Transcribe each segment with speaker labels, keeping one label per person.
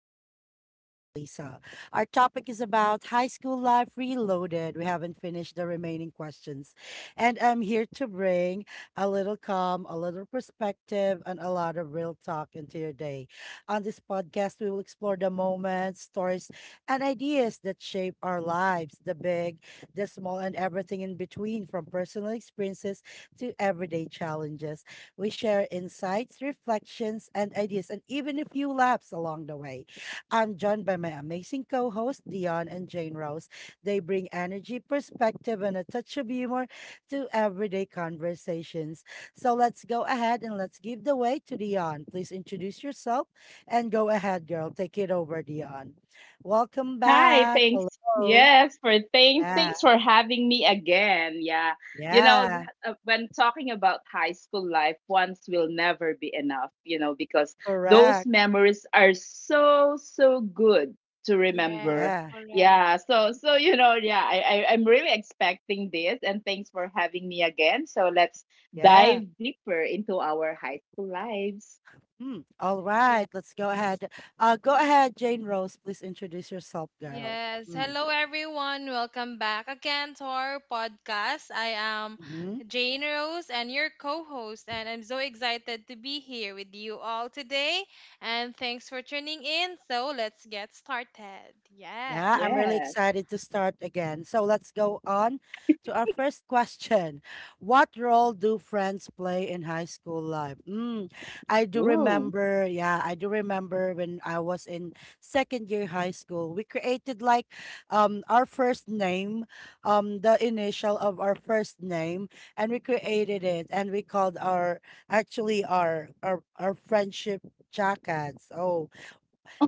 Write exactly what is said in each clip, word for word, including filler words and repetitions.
Speaker 1: Reflections with Lisa. Our topic is about high school life reloaded. We haven't finished the remaining questions. And I'm here to bring a little calm, a little perspective, and a lot of real talk into your day. On this podcast, we will explore the moments, stories, and ideas that shape our lives, the big, the small, and everything in between, from personal experiences to everyday challenges. We share insights, reflections, and ideas, and even a few laughs along the way. I'm joined by my amazing co hosts, Dion and Jane Rose. They bring energy, perspective, and a touch of humor to everyday conversations. So let's go ahead and let's give the way to Dion. Please introduce yourself and go ahead, girl. Take it over, Dion. Welcome
Speaker 2: Hi,
Speaker 1: back.
Speaker 2: thanks.
Speaker 1: Hello.
Speaker 2: Yes, for thanks.
Speaker 1: Yeah.
Speaker 2: Thanks for having me again. Yeah. You know, th-
Speaker 1: Yeah.
Speaker 2: uh, when talking about high school life, once will never be enough, you know, because those
Speaker 1: Correct.
Speaker 2: memories are so, so good to
Speaker 3: Yes,
Speaker 2: remember.
Speaker 1: Yeah.
Speaker 3: correct.
Speaker 2: Yeah. So, so, you know, yeah, I, I, I'm really expecting this. And thanks for having me again. So let's
Speaker 1: Yeah.
Speaker 2: dive deeper into our high school lives.
Speaker 1: Hmm, all
Speaker 3: Yes.
Speaker 1: right, let's go ahead. Uh, go ahead, Jane Rose. Please introduce yourself, girl.
Speaker 3: Yes.
Speaker 1: Mm.
Speaker 3: Hello, everyone. Welcome back again to our podcast. I am
Speaker 1: Mm-hmm.
Speaker 3: Jane Rose and your co host, and I'm so excited to be here with you all today. And thanks for tuning in. So let's get started. Yes.
Speaker 1: Yeah, I'm really
Speaker 2: Yeah.
Speaker 1: excited to start again. So let's go on to our first question. What role do friends play in high school life? Mm, I do
Speaker 2: Ooh.
Speaker 1: remember, yeah, I do remember when I was in second year high school, we created like um our first name, um the initial of our first name, and we created it and we called our actually our our, our friendship jackets. Oh,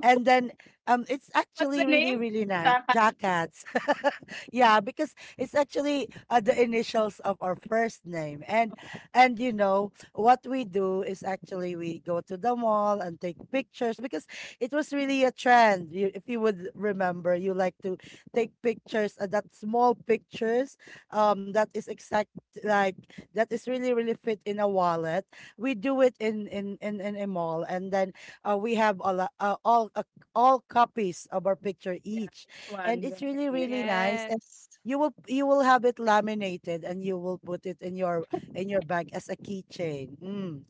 Speaker 1: and then um it's
Speaker 2: What's the
Speaker 1: actually
Speaker 2: name?
Speaker 1: really really nice jackets yeah, because it's actually uh, the initials of our first name. and and you know what we do is actually we go to the mall and take pictures because it was really a trend, you, if you would remember, you like to take pictures, uh, that small pictures um that is exact like that is really really fit in a wallet. We do it in in in, in a mall, and then uh, we have all, uh, all a all copies of our picture
Speaker 2: Yeah,
Speaker 1: each.
Speaker 2: it's
Speaker 1: And
Speaker 2: one,
Speaker 1: it's
Speaker 2: right?
Speaker 1: really, really
Speaker 2: Yes.
Speaker 1: nice. And
Speaker 3: Yes.
Speaker 1: you will you will have it laminated and you will put it in your in your bag as a keychain. Mm,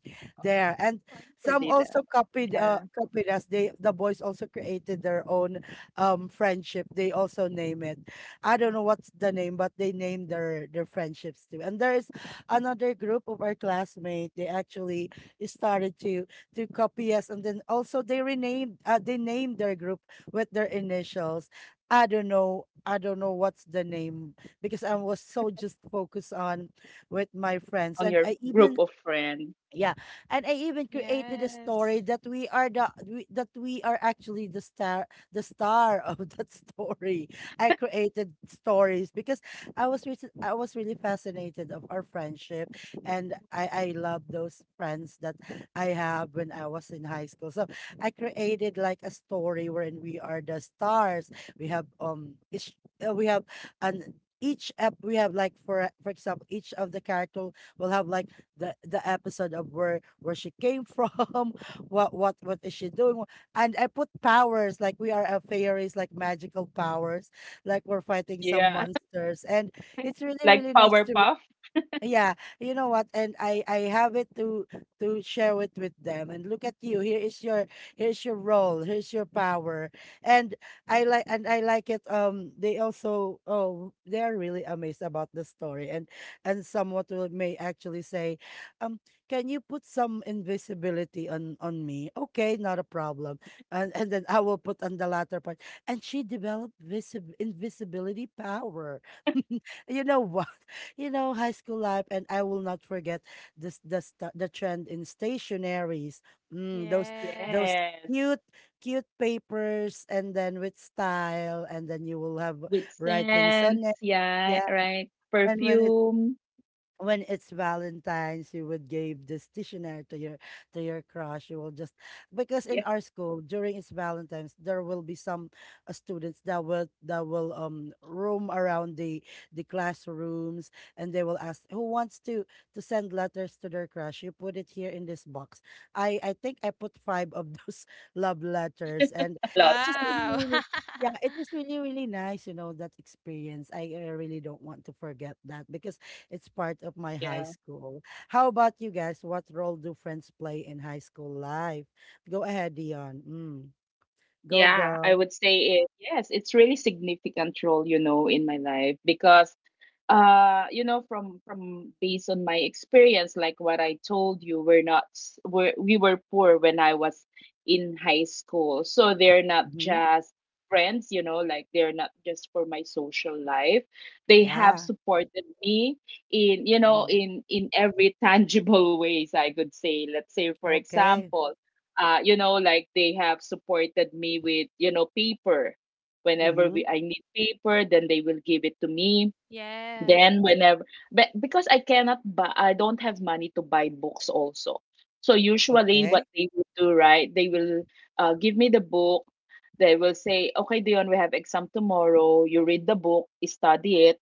Speaker 1: there. And
Speaker 2: Oh, I never
Speaker 1: some
Speaker 2: did that.
Speaker 1: also copied
Speaker 2: Yeah,
Speaker 1: uh copied us. They, the boys, also created their own um friendship. They also name it. I don't know what's the name, but they named their their friendships too. And there's another group of our classmates. They actually started to to copy us, and then also they renamed uh, they named their group with their initials. I don't know. I don't know what's the name because I was so just focused on with my friends,
Speaker 2: on
Speaker 1: and
Speaker 2: your
Speaker 1: I
Speaker 2: group
Speaker 1: even
Speaker 2: of friends.
Speaker 1: yeah, and I even created a story
Speaker 3: Yes.
Speaker 1: that we are the we, that we are actually the star, the star of that story. I created stories because I was re- I was really fascinated of our friendship, and I I love those friends that I have when I was in high school. So I created like a story wherein we are the stars. We have um each uh, we have an each app we have like for for example each of the character will have like the the episode of where where she came from, what what what is she doing, and I put powers like we are a fairies, like magical powers, like we're fighting some
Speaker 2: Yeah,
Speaker 1: monsters, and it's really
Speaker 2: like
Speaker 1: really nice to
Speaker 2: Powerpuff.
Speaker 1: yeah, you know what? And I I have it to to share it with them. And look at you. Here is your, here's your role. Here's your power. And I like and I like it. Um, they also, oh, they are really amazed about the story. And and somewhat will may actually say, um, can you put some invisibility on on me? Okay, not a problem. And and then I will put on the latter part. And she developed visib invisibility power. You know what? You know, high school life, and I will not forget this the sta- the trend in stationaries. Mm, those
Speaker 3: Yes.
Speaker 1: those
Speaker 2: Yes,
Speaker 1: cute cute papers, and then with style, and then you will have
Speaker 2: with
Speaker 1: writings on it.
Speaker 2: scents. Yeah,
Speaker 1: Yeah,
Speaker 2: right.
Speaker 1: and when it
Speaker 2: Perfume.
Speaker 1: when it's Valentine's, you would give this stationery to your to your crush. You will just because
Speaker 2: Yeah,
Speaker 1: in our school during its Valentine's, there will be some uh, students that will that will um roam around the the classrooms, and they will ask who wants to to send letters to their crush. You put it here in this box. I I think I put five of those love letters, and
Speaker 2: a
Speaker 1: it
Speaker 2: lot.
Speaker 1: was really
Speaker 3: Wow.
Speaker 1: really. Yeah, it was really, really nice, you know, that experience. I, I really don't want to forget that because it's part of my high
Speaker 2: Yeah.
Speaker 1: school. How about you guys? What role do friends play in high school life? Go ahead, Dion. Mm. Go,
Speaker 2: Yeah, I
Speaker 1: girl.
Speaker 2: would say it. Yes, it's really significant role, you know, in my life because uh you know from from based on my experience, like what I told you, we're not s- we're, we were poor when I was in high school. So they're not
Speaker 1: Mm-hmm.
Speaker 2: just friends, you know like, they're not just for my social life. They have
Speaker 1: Yeah.
Speaker 2: supported me in, you know
Speaker 1: Mm-hmm.
Speaker 2: in in every tangible ways, I could say. Let's say, for
Speaker 1: Okay.
Speaker 2: example, uh you know like, they have supported me with, you know paper. Whenever
Speaker 1: Mm-hmm.
Speaker 2: we I need paper, then they will give it to me.
Speaker 3: yes.
Speaker 2: Then whenever, but because I cannot buy, I don't have money to buy books also. So usually what
Speaker 1: Okay.
Speaker 2: they will do, right? They will uh, give me the book. They will say, "Okay, Dion, we have exam tomorrow. You read the book, study it,"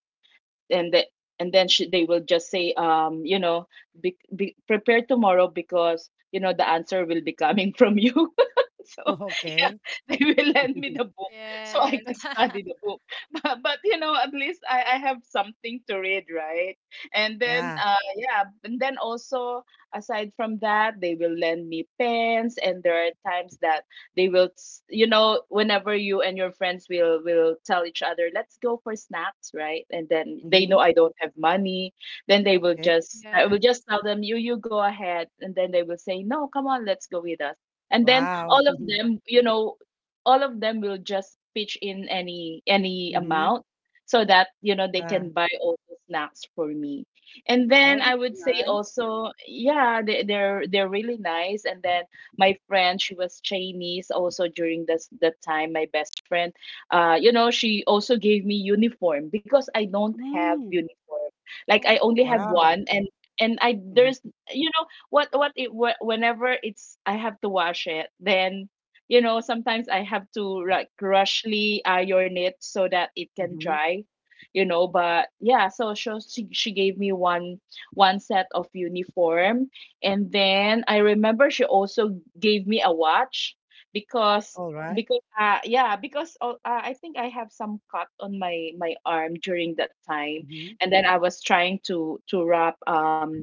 Speaker 2: and the, and then she, they will just say, um you know be, be prepare tomorrow because, you know the answer will be coming from you. So yeah,
Speaker 1: Okay.
Speaker 2: they will lend me the book so I
Speaker 3: Yes.
Speaker 2: can study the book. But, but, you know at least I, I have something to read, right? And then
Speaker 1: Yeah.
Speaker 2: uh yeah, and then also, aside from that, they will lend me pens, and there are times that they will s- you know whenever you and your friends will will tell each other, "Let's go for snacks," right? And then they know
Speaker 1: Mm-hmm.
Speaker 2: I don't have money, then they will
Speaker 1: Okay.
Speaker 2: just, I will just
Speaker 3: yes.
Speaker 2: tell them, you You go ahead," and then they will say, "No, come on, let's go with us." And then
Speaker 1: Wow.
Speaker 2: all of them, you know all of them will just pitch in any, any
Speaker 1: Mm-hmm.
Speaker 2: amount so that, you know they
Speaker 1: Yeah.
Speaker 2: can buy all the snacks for me. And
Speaker 1: Well,
Speaker 2: then I
Speaker 1: that's
Speaker 2: would say
Speaker 1: nice.
Speaker 2: also, yeah, they, they're they're really nice. And then my friend, she was Chinese, also during this, that time, my best friend, uh you know she also gave me uniform because I don't have
Speaker 1: Mm.
Speaker 2: uniform, like, I only
Speaker 3: Oh.
Speaker 2: have
Speaker 1: Wow.
Speaker 2: one. And, and I there's,
Speaker 1: Mm-hmm.
Speaker 2: you know what what it wh- whenever it's, I have to wash it, then, you know sometimes I have to like rushly iron it so that it can
Speaker 1: Mm-hmm.
Speaker 2: dry, you know but yeah. So she she, she gave me one, one set of uniform. And then I remember she also gave me a watch, because,
Speaker 1: All right.
Speaker 2: because uh yeah, because uh, uh, I think I have some cut on my my arm during that time.
Speaker 1: Mm-hmm.
Speaker 2: And then I was trying to to wrap, um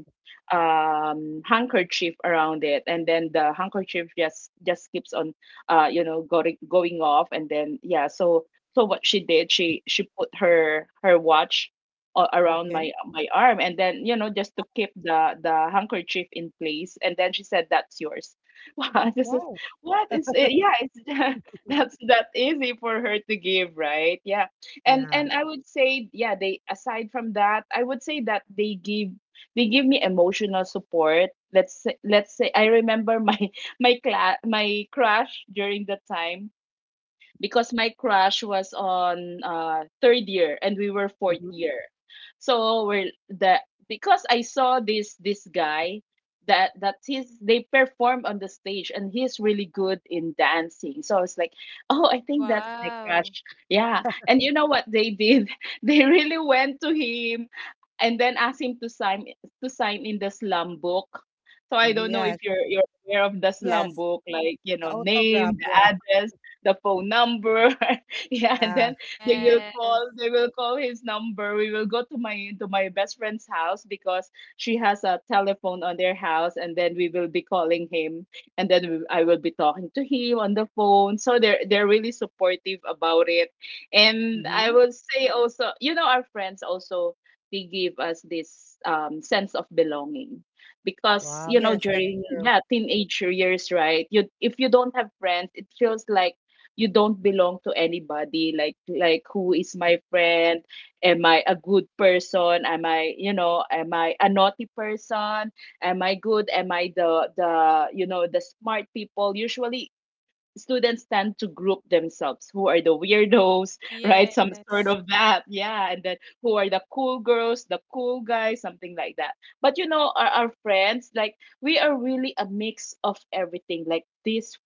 Speaker 2: um handkerchief around it, and then the handkerchief just, just keeps on, uh you know going, going off, and then yeah. So so what she did, she she put her her watch a- around my
Speaker 1: Okay.
Speaker 2: my arm, and then, you know just to keep the the handkerchief in place. And then she said, "That's yours." Wow, this is,
Speaker 1: Wow.
Speaker 2: what is it? Yeah, it's that's that easy for her to give, right? Yeah. And,
Speaker 1: Yeah.
Speaker 2: and I would say, yeah, they, aside from that, I would say that they give, they give me emotional support. Let's say let's say I remember my my class my crush during the time, because my crush was on, uh, third year, and we were fourth
Speaker 1: Mm-hmm.
Speaker 2: year. So we're the, because I saw this this guy, that that his, they perform on the stage, and he's really good in dancing. So I was like, "Oh, I think that's my
Speaker 3: Wow.
Speaker 2: crush." Yeah, and you know what they did? They really went to him and then asked him to sign, to sign in the slum book. So I don't
Speaker 1: Mm-hmm.
Speaker 2: know if
Speaker 1: Yes.
Speaker 2: you're you're aware of the slum
Speaker 1: Yes.
Speaker 2: book, like, you
Speaker 1: The
Speaker 2: know,
Speaker 1: autograph.
Speaker 2: name, the
Speaker 1: Yeah.
Speaker 2: address, the phone number. Yeah, and
Speaker 1: Yeah.
Speaker 2: then they will
Speaker 3: Yes.
Speaker 2: call they will call his number. We will go to my to my best friend's house because she has a telephone on their house, and then we will be calling him, and then we, I will be talking to him on the phone. So they're they're really supportive about it. And I
Speaker 1: Mhm.
Speaker 2: would say also, you know, our friends also, they give us this, um, sense of belonging, because,
Speaker 1: Wow,
Speaker 2: you know
Speaker 1: yes, that's
Speaker 2: during,
Speaker 1: true.
Speaker 2: yeah, teenager years, right? You, if you don't have friends, it feels like you don't belong to anybody, like like who is my friend? Am I a good person? Am I, you know am I a naughty person? Am I good? Am I the, the you know the smart people? Usually students tend to group themselves. Who are the weirdos? Right, some sort
Speaker 3: Yes.
Speaker 2: of that. Yeah, and then, who are the cool girls, the cool guys, something like that. But, you know, our, our friends, like, we are really a mix of everything, like these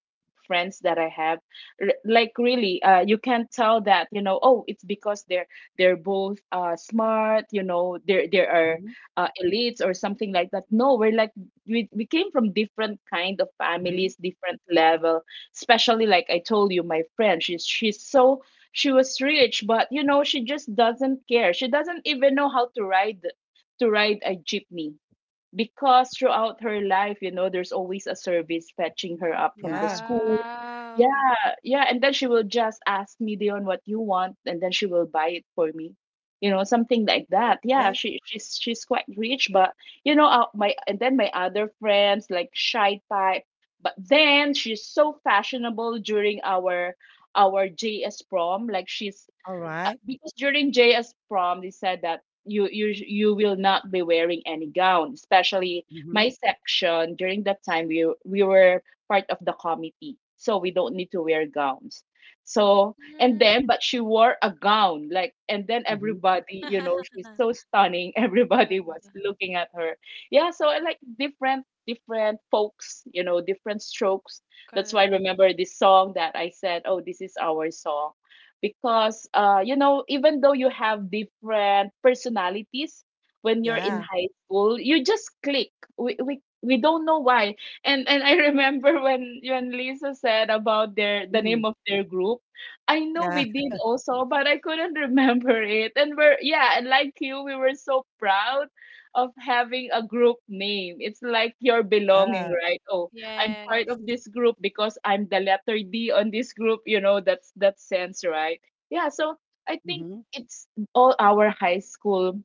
Speaker 2: friends that I have, r- like really, uh, you can tell that, you know, oh, it's because they're they're both, uh, smart, you know, they're they are,
Speaker 1: Mhm.
Speaker 2: uh, elites or something like that. No, we're like, we, we came from different kind of
Speaker 1: Mhm.
Speaker 2: families, different level. Especially, like I told you, my friend, she's she's so, she was rich, but, you know, she just doesn't care. She doesn't even know how to ride, to ride a jeepney because throughout her life, you know, there's always a service fetching her up from the
Speaker 1: Yeah,
Speaker 2: school.
Speaker 3: Wow.
Speaker 2: Yeah, yeah. And then she will just ask me, "Dion, what you want?" And then she will buy it for me. You know, something like that. Yeah,
Speaker 1: okay.
Speaker 2: she she's she's quite rich, but, you know, uh, my, and then my other friends, like, shy type. But then she's so fashionable during our our J S prom. Like she's,
Speaker 1: All
Speaker 2: uh,
Speaker 1: right.
Speaker 2: because during J S prom, they said that you you you will not be wearing any gown, especially my
Speaker 1: Mhm.
Speaker 2: section. During that time, we we were part of the committee, so we don't need to wear gowns. So and then,
Speaker 3: Mm.
Speaker 2: but she wore a gown, like, and then
Speaker 1: Mhm.
Speaker 2: everybody, you know, she's so stunning. Everybody was looking at her. Yeah, so I like different, different folks, you know, different strokes. That's why I
Speaker 3: Correct.
Speaker 2: remember this song that I said, "Oh, this is our song," because, uh, you know, even though you have different personalities, when you're in
Speaker 1: Yeah.
Speaker 2: high school, you just click. We, we we don't know why. And, and I remember when, when Lisa said about their, the name
Speaker 1: Mm.
Speaker 2: of their group, I know
Speaker 1: Yeah,
Speaker 2: we did also, but I couldn't remember it. And we're, yeah, and like you, we were so proud of having a group name. It's like your belonging,
Speaker 1: yeah.
Speaker 2: right? Oh, I'm part
Speaker 3: Yes.
Speaker 2: of this group because I'm the letter D on this group, you know, that's that sense, right? Yeah, so I think
Speaker 1: Mhm.
Speaker 2: it's all our high school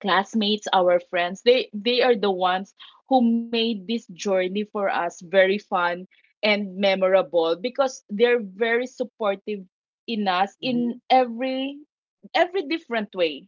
Speaker 2: classmates, our friends. They they are the ones who made this journey for us very fun and memorable because they're very supportive in us in
Speaker 1: Mhm.
Speaker 2: every, every different way,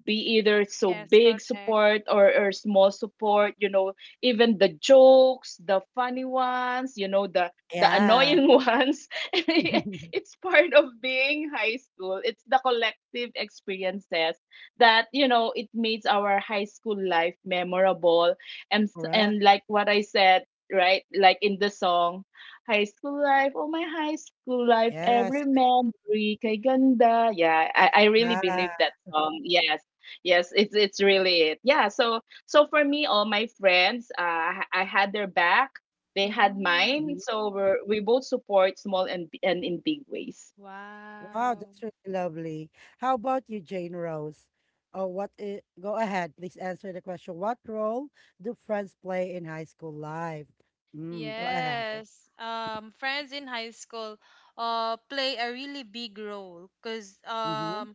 Speaker 2: be either so
Speaker 3: Yes,
Speaker 2: big
Speaker 3: correct.
Speaker 2: support, or, or small support, you know, even the jokes, the funny ones, you know, the the
Speaker 1: Yeah.
Speaker 2: annoying ones. It's part of being high school. It's the collective experiences that, you know, it makes our high school life memorable. And s-
Speaker 1: Correct.
Speaker 2: and like what I said, right, like in the song, "High school life, oh my high school life,
Speaker 1: Yes.
Speaker 2: every memory kay ganda." Yeah, i, I really
Speaker 1: Yeah.
Speaker 2: believe that song. Yes. Yes, it's it's really it. Yeah, so so for me, all my friends, uh, I had their back, they had
Speaker 3: Mm.
Speaker 2: mine,
Speaker 1: Mhm.
Speaker 2: so we're, we both support small and b- and in big ways.
Speaker 1: Wow,
Speaker 3: Wow.
Speaker 1: that's really lovely. How about you, Jane Rose? Oh, what I- go ahead, please answer the question. What role do friends play in high school life? Mm, go ahead.
Speaker 3: Yes, um, friends in high school uh, play a really big role because
Speaker 1: Mm-hmm.
Speaker 3: um,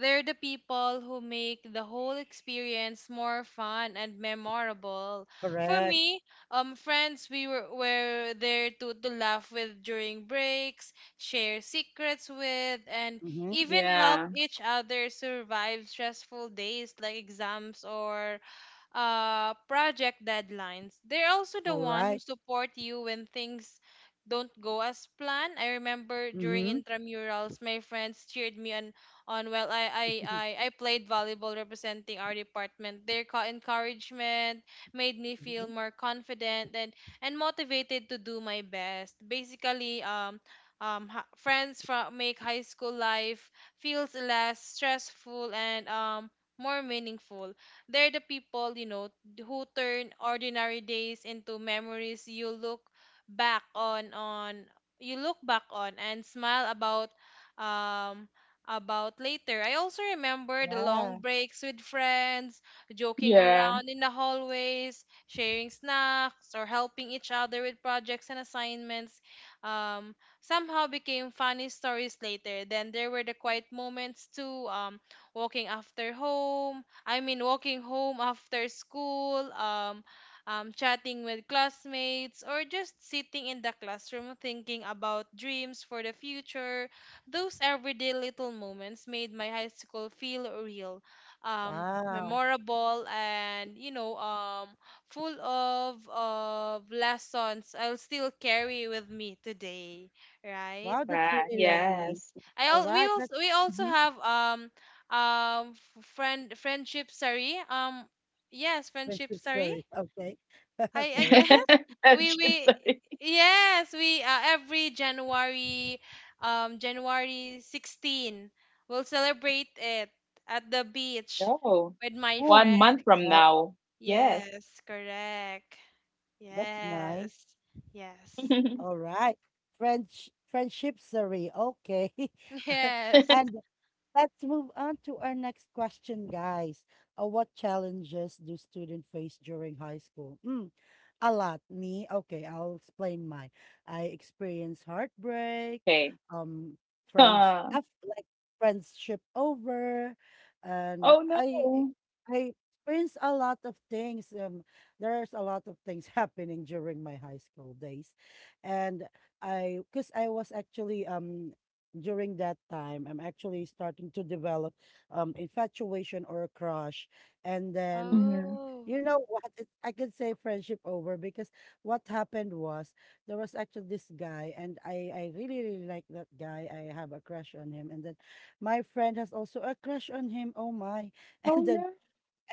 Speaker 3: they're the people who make the whole experience more fun and memorable. For
Speaker 1: Correct.
Speaker 3: me, um, friends we were, were there to, to laugh with during breaks, share secrets with, and
Speaker 1: Mm-hmm.
Speaker 3: even help
Speaker 2: Yeah,
Speaker 3: each other survive stressful days like exams or uh, project deadlines. They're also the
Speaker 1: All
Speaker 3: one who
Speaker 1: right.
Speaker 3: support you when things don't go as planned. I remember during
Speaker 1: Mm-hmm.
Speaker 3: intramurals, my friends cheered me on, on well, I, I, I, I played volleyball representing our department. Their co- encouragement made me feel
Speaker 1: Mm-hmm.
Speaker 3: more confident and, and motivated to do my best. Basically, um, um, ha- friends from make high school life feels less stressful and um, more meaningful. They're the people, you know, who turn ordinary days into memories you look back on on you look back on and smile about um about later. I also remember the
Speaker 1: Yeah.
Speaker 3: long breaks with friends, joking
Speaker 2: yeah,
Speaker 3: around in the hallways, sharing snacks or helping each other with projects and assignments. Um somehow became funny stories later. Then there were the quiet moments too, um, walking after home, I mean, walking home after school, um, um, chatting with classmates, or just sitting in the classroom thinking about dreams for the future. Those everyday little moments made my high school feel real, um,
Speaker 1: Wow.
Speaker 3: memorable, and you know, um, full of of lessons I'll still carry with me today, right?
Speaker 1: Wow, that's
Speaker 2: ah,
Speaker 1: really
Speaker 3: Yes.
Speaker 1: lovely.
Speaker 2: yes.
Speaker 3: I
Speaker 1: All
Speaker 3: al- we
Speaker 1: right. That's
Speaker 3: also we also
Speaker 1: mm-hmm.
Speaker 3: have um um f- friend friendship, sorry. Um yes, friendship,
Speaker 1: Friendship
Speaker 3: sorry.
Speaker 1: story. Okay.
Speaker 3: I i
Speaker 1: Okay.
Speaker 3: guess we
Speaker 2: Friendship,
Speaker 3: we
Speaker 2: sorry.
Speaker 3: yes we uh, every January, um January sixteen, we'll celebrate it at the beach
Speaker 2: No,
Speaker 3: with my
Speaker 1: Oh,
Speaker 2: one
Speaker 3: friend.
Speaker 2: month from
Speaker 1: wow.
Speaker 2: now. Yes.
Speaker 3: Yes, correct.
Speaker 1: That's nice.
Speaker 3: Yes. Yes.
Speaker 1: All right. French friendship. Okay.
Speaker 3: Yes.
Speaker 1: And let's move on to our next question, guys. Uh, what challenges do students face during high school? Mm, a lot. Me, okay, I'll explain mine. I experienced heartbreak,
Speaker 2: Okay.
Speaker 1: um, friends,
Speaker 2: Uh,
Speaker 1: af- like friendship over, and
Speaker 2: oh
Speaker 1: I,
Speaker 2: no.
Speaker 1: I experienced a lot of things. Um, there's a lot of things happening during my high school days, and I, cause I was actually um during that time, I'm actually starting to develop um infatuation or a crush. And then
Speaker 2: Mhm.
Speaker 3: Oh.
Speaker 1: you know what? It, I could say friendship over because what happened was there was actually this guy, and I I really really like that guy. I have a crush on him, and then my friend has also a crush on him. Oh my!
Speaker 2: Oh
Speaker 1: And then
Speaker 2: no.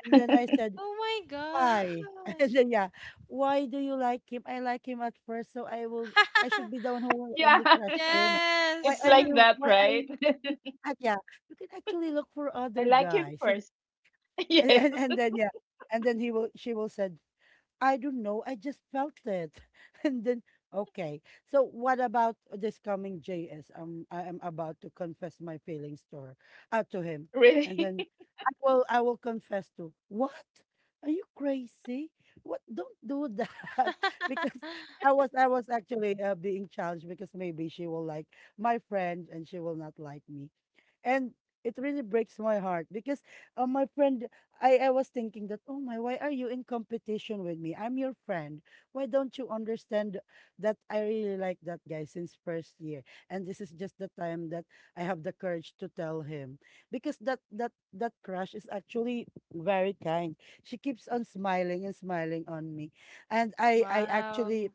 Speaker 1: and then I said,
Speaker 3: Oh my
Speaker 1: why?
Speaker 3: gosh.
Speaker 1: And then, yeah, why do you like him? I like him at first, so I will. I should be the one who will
Speaker 2: Yeah,
Speaker 1: only crush him. Why
Speaker 2: it's
Speaker 3: Yes.
Speaker 1: are
Speaker 2: like
Speaker 1: you?
Speaker 2: that,
Speaker 1: Why are
Speaker 2: right?
Speaker 1: you? You can, act- yeah, you can actually look for
Speaker 2: I
Speaker 1: other
Speaker 2: like him
Speaker 1: guys, and,
Speaker 2: first.
Speaker 1: and
Speaker 2: Yes.
Speaker 1: and then yeah, and then he will. She will said, I don't know. I just felt it. And then, okay. So what about this coming J S? Um, I am about to confess my feelings to her, uh, to him. And
Speaker 2: Really?
Speaker 1: then I will, I will confess to, what? Are you crazy? What? Don't do that. Because I was, I was actually uh, being challenged because maybe she will like my friend and she will not like me. And it really breaks my heart because uh, my friend, I, I was thinking that, oh my, why are you in competition with me? I'm your friend. Why don't you understand that I really like that guy since first year? And this is just the time that I have the courage to tell him because that that that crush is actually very kind. She keeps on smiling and smiling on me, and I I actually
Speaker 3: Wow.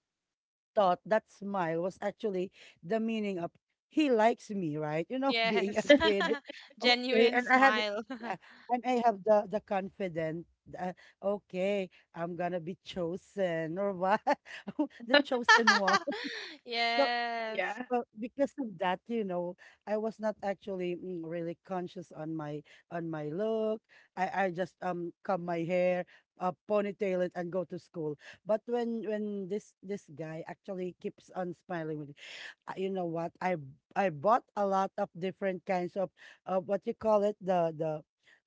Speaker 1: thought that smile was actually the meaning of he likes me, right? You know, being a
Speaker 3: Yes.
Speaker 1: kid. Okay,
Speaker 3: Genuine
Speaker 1: and I had
Speaker 3: smile.
Speaker 1: uh, and I have the the confidence. Uh, okay, I'm gonna be chosen or what? The chosen one. So
Speaker 3: Yes.
Speaker 2: Yeah.
Speaker 1: well, because of that, you know, I was not actually mm, really conscious on my on my look. I I just um comb my hair, uh, ponytail it, and go to school. But when when this this guy actually keeps on smiling with me, uh, you know what? I I bought a lot of different kinds of uh, what you call it, the the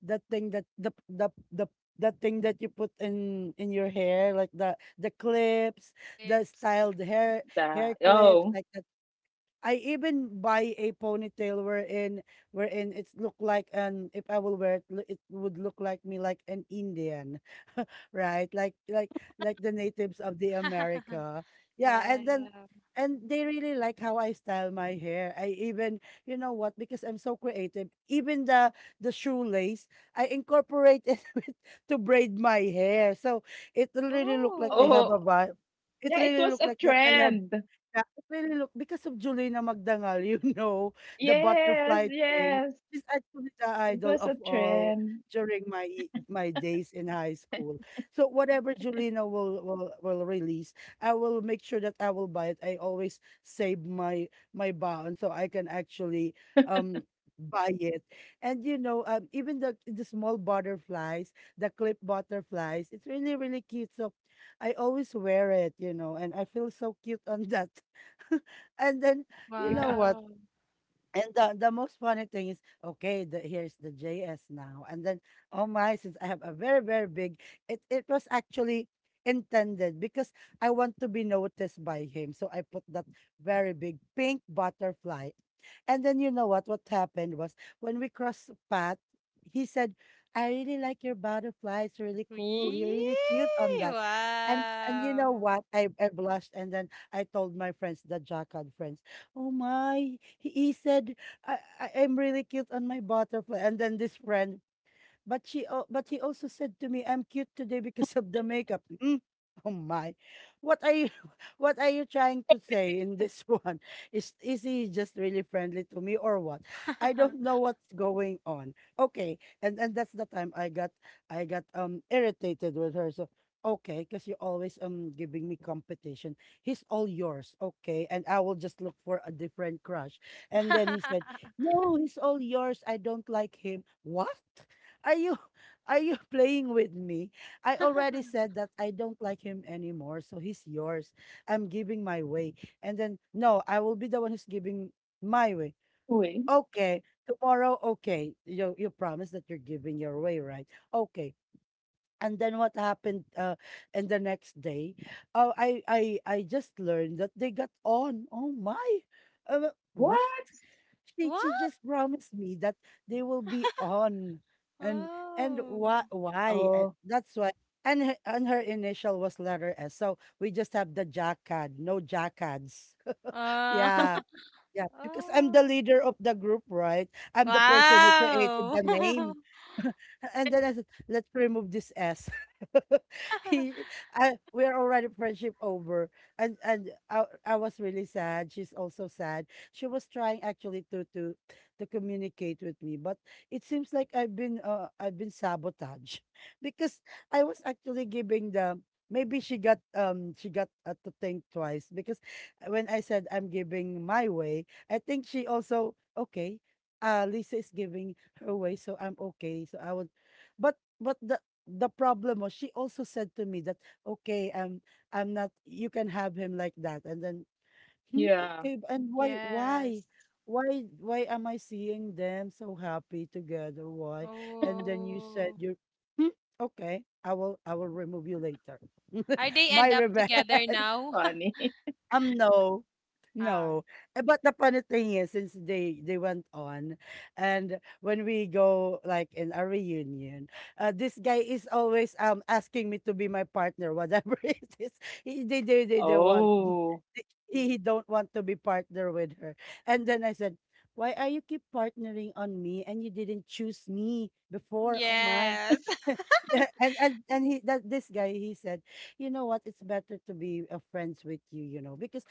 Speaker 1: the thing that the the the the thing that you put in in your hair, like the the clips, the
Speaker 3: Lips.
Speaker 1: styled
Speaker 2: The
Speaker 1: hair, hair
Speaker 2: oh.
Speaker 1: clips like that. I even buy a ponytail wherein wherein it's look like an if I will wear it, lo- it would look like me like an Indian, right? Like like like the natives of the America. Yeah, and
Speaker 3: Yeah.
Speaker 1: then and they really like how I style my hair. I even, you know what, because I'm so creative. Even the the shoelace I incorporate it with, to braid my hair, so it really look like I
Speaker 3: Oh,
Speaker 1: have
Speaker 2: Oh,
Speaker 1: a vibe. It
Speaker 2: yeah, it
Speaker 1: really
Speaker 2: was
Speaker 1: look
Speaker 2: a
Speaker 1: like that I have
Speaker 2: trend.
Speaker 1: yeah, it really look because of Julina Magdangal, you know, the
Speaker 2: Yes,
Speaker 1: butterfly thing.
Speaker 2: yes.
Speaker 1: She's actually the
Speaker 2: It
Speaker 1: idol
Speaker 2: was
Speaker 1: of
Speaker 2: a
Speaker 1: all
Speaker 2: trend.
Speaker 1: during my e- my days in high school. So whatever Julina will will will release, I will make sure that I will buy it. I always save my my bond so I can actually um buy it. And you know, um, even the the small butterflies, the clip butterflies, it's really really cute. So I always wear it, you know, and I feel so cute on that and then you know
Speaker 2: Yeah.
Speaker 1: what?
Speaker 3: wow.
Speaker 1: And the, the most funny thing is, okay, the, here's the J S now. And then, oh my, since I have a very, very big, it, it was actually intended because I want to be noticed by him. So I put that very big pink butterfly. And then, you know what? What happened was when we crossed path, he said, I really like your butterfly. It's really cool. You're
Speaker 3: Wee,
Speaker 1: really cute on that. And and you know
Speaker 3: wow.
Speaker 1: what? I, I blushed and then I told my friends, the Jackal friends. Oh my. He, he said, I, I, I'm really cute on my butterfly. And then this friend, but she al- but he also said to me, "I'm cute today because of the makeup." Mm, Oh my. What are you what are you trying to say in this one? Is is he just really friendly to me or what? I don't know what's going on. Okay. And and that's the time I got I got um irritated with her. So okay, because you're always um giving me competition. He's all yours, okay, and I will just look for a different crush. And then he said, No, he's all yours. I don't like him. What? Are you are you playing with me? I already said that I don't like him anymore, so he's yours. I'm giving my way. And then no, I will be the one who's giving my way.
Speaker 2: Wait,
Speaker 1: Okay, tomorrow, okay. You you promise that you're giving your way, right? Okay. And then what happened uh in the next day? Oh, I I I just learned that they got on. Oh my. Uh, what?
Speaker 2: what?
Speaker 1: she she
Speaker 3: What?
Speaker 1: just promised me that they will be on. And and
Speaker 3: Oh.
Speaker 1: why why
Speaker 2: Oh,
Speaker 1: Uh, that's why, and her, and her initial was letter S, so we just have the jackad, no jackads.
Speaker 3: Uh,
Speaker 1: Yeah, yeah, because I'm the
Speaker 3: oh.
Speaker 1: leader of the group, right? I'm the person who created
Speaker 3: Wow.
Speaker 1: the name. And then I said, let's remove this S. he, I, we are already friendship over. And and I, I was really sad. She's also sad. She was trying actually to to to communicate with me, but it seems like I've been uh, I've been sabotaged, because I was actually giving the. Maybe she got um she got uh, to think twice, because when I said I'm giving my way, I think she also okay. Uh, Lisa is giving her way, so I'm okay. So I would, but but the the problem was she also said to me that okay, um, I'm not. You can have him like that, and then hmm,
Speaker 2: yeah.
Speaker 1: okay, b- and why why
Speaker 3: Yes.
Speaker 1: why why am I seeing them so happy together? Why? And then you said
Speaker 3: Oh.
Speaker 1: you're hmm, okay. I will I will remove you later.
Speaker 3: Are they
Speaker 1: My
Speaker 3: end up
Speaker 1: revenge.
Speaker 3: together now?
Speaker 2: Funny.
Speaker 1: Um, no.
Speaker 3: Ah.
Speaker 1: No. Eh, But the funny thing is, since they they went on, and when we go like in a reunion, uh, this guy is always um asking me to be my partner, whatever it is. He, they, they they they want.
Speaker 2: Oh.
Speaker 1: He, he don't want to be partner with her, and then I said, "Why are you keep partnering on me and you didn't choose me before?" Oh my,
Speaker 3: Yes.
Speaker 1: and and and he that this guy he said, you know what? It's better to be uh, friends with you, you know, because